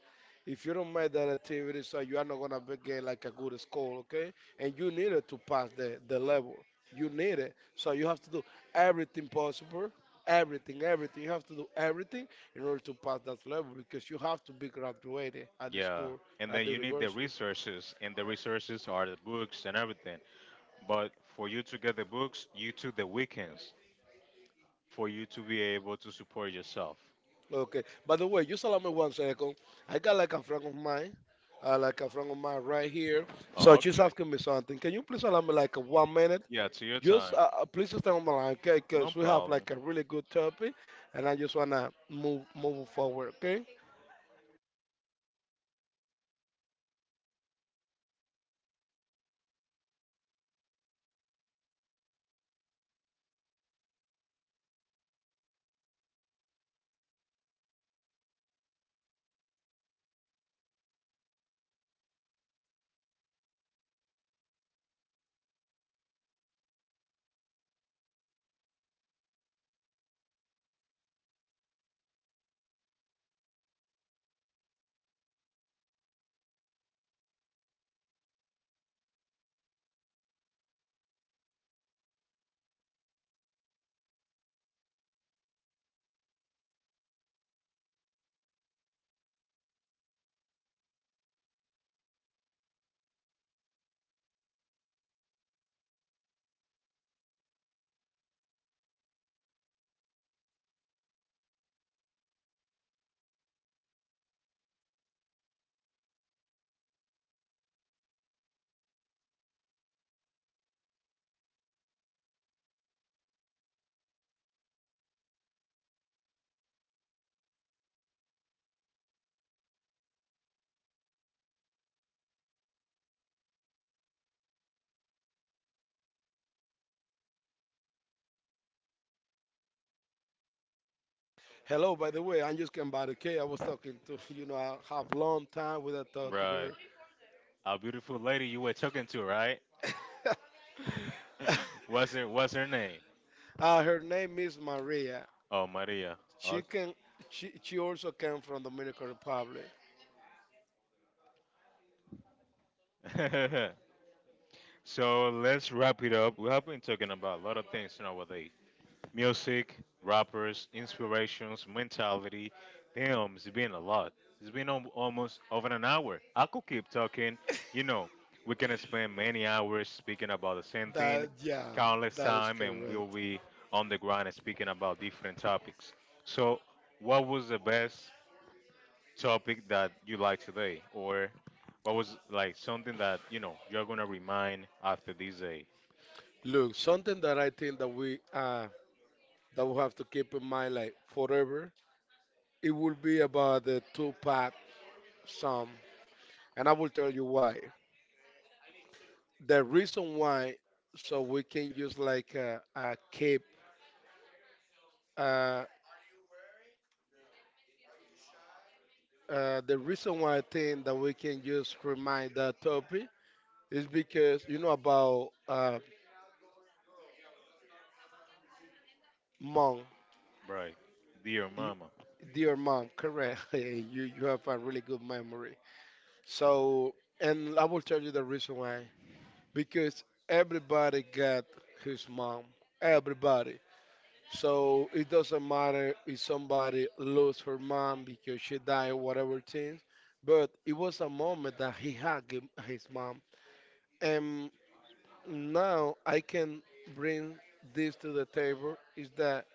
Speaker 1: if you don't make that activity, so you are not gonna be get like a good score, okay? And you need it to pass the the level. You need it, so you have to do everything possible. Everything, everything. You have to do everything in order to pass that level because you have to be graduated at the
Speaker 2: Yeah,
Speaker 1: school,
Speaker 2: and
Speaker 1: at
Speaker 2: then
Speaker 1: the
Speaker 2: you need the
Speaker 1: university.
Speaker 2: resources, and the resources are the books and everything. But for you to get the books, you took the weekends for you to be able to support yourself.
Speaker 1: Okay. By the way, just allow me one second. I got like a friend of mine, uh, like a friend of mine right here. So
Speaker 2: Oh,
Speaker 1: she's
Speaker 2: okay.
Speaker 1: asking me something. Can you please allow me like one minute?
Speaker 2: Yeah, to your
Speaker 1: Just
Speaker 2: time.
Speaker 1: uh, uh, please stay on the line, okay?
Speaker 2: No
Speaker 1: Because we have
Speaker 2: problem.
Speaker 1: like a really good topic, and I just wanna move move forward, okay? Hello, by the way, I just came by, okay? I was talking to (laughs) you know I have long time without talk
Speaker 2: Right.
Speaker 1: to
Speaker 2: A beautiful lady you were talking to, right?
Speaker 1: her. (laughs)
Speaker 2: (laughs) what's her What's her name?
Speaker 1: Uh, her name is Maria.
Speaker 2: Oh, Maria.
Speaker 1: She
Speaker 2: Okay.
Speaker 1: can she she also came from Dominican Republic.
Speaker 2: (laughs) so let's wrap it up. We have been talking about a lot of things nowadays: music, rappers, inspirations, mentality. Damn, it's been a lot. It's been al- almost over an hour. I could keep talking. You know, we can spend many hours speaking about the same thing,
Speaker 1: That Yeah,
Speaker 2: countless
Speaker 1: that is
Speaker 2: time, and we'll
Speaker 1: correct.
Speaker 2: be on the ground and speaking about different topics. So, what was the best topic that you like today, or what was like something that you know you're gonna remind after this day,
Speaker 1: Look, something that I think that we uh that we have to keep in mind like forever, it will be about the Tupac song, and I will tell you why. The reason why, so we can use like a, a keep uh uh the reason why I think that we can just remind that topic is because you know about uh monk,
Speaker 2: right? Dear
Speaker 1: you,
Speaker 2: mama,
Speaker 1: dear mom, correct? (laughs) you you have a really good memory. So, and I will tell you the reason why. Because everybody got his mom. Everybody. So it doesn't matter if somebody lost her mom because she died or whatever things. But it was a moment that he had gi- his mom. And now I can bring this to the table is that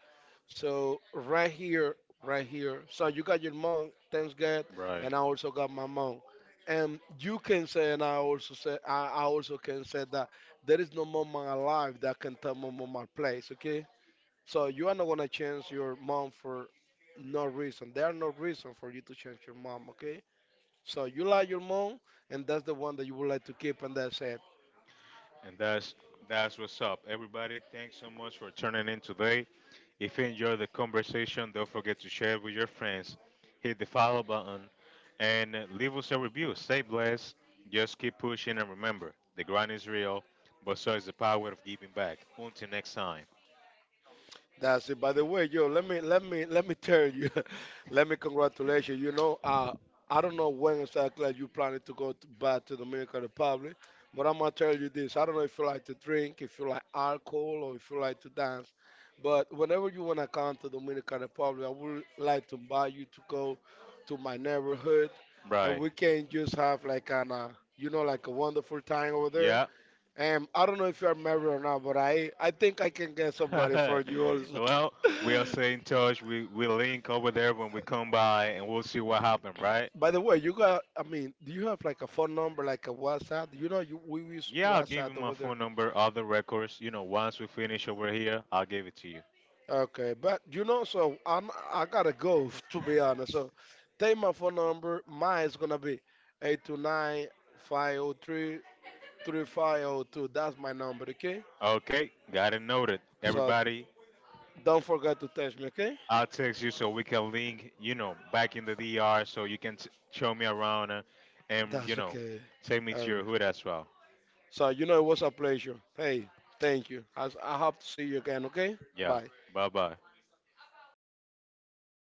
Speaker 1: so right here, right here. So you got your mom, thanks God,
Speaker 2: right?
Speaker 1: and I also got my mom. And you can say, and I also say, I, I also can say that there is no mom alive that can tell my mom my place. Okay. So you are not gonna change your mom for no reason. There are no reason for you to change your mom. Okay. So you like your mom, and that's the one that you would like to keep, and that's it.
Speaker 2: And that's that's what's up. Everybody, thanks so much for tuning in today. If you enjoyed the conversation, don't forget to share it with your friends. Hit the follow button and uh, leave us a review. Stay blessed. Just keep pushing and remember, the grind is real, but so is the power of giving back. Until next time. Right. Yeah. (laughs) well, we'll stay in touch. We we link over there when we come by and we'll see what happened, right? Yeah, I'll give you my phone number, all the records. You know, once we finish over here, I'll give it to you. Okay, got it noted. Everybody, I'll text you so we can link, you know, back in the D R so you can t- show me around uh, and, you know, take me to your hood as well. Yeah, bye bye.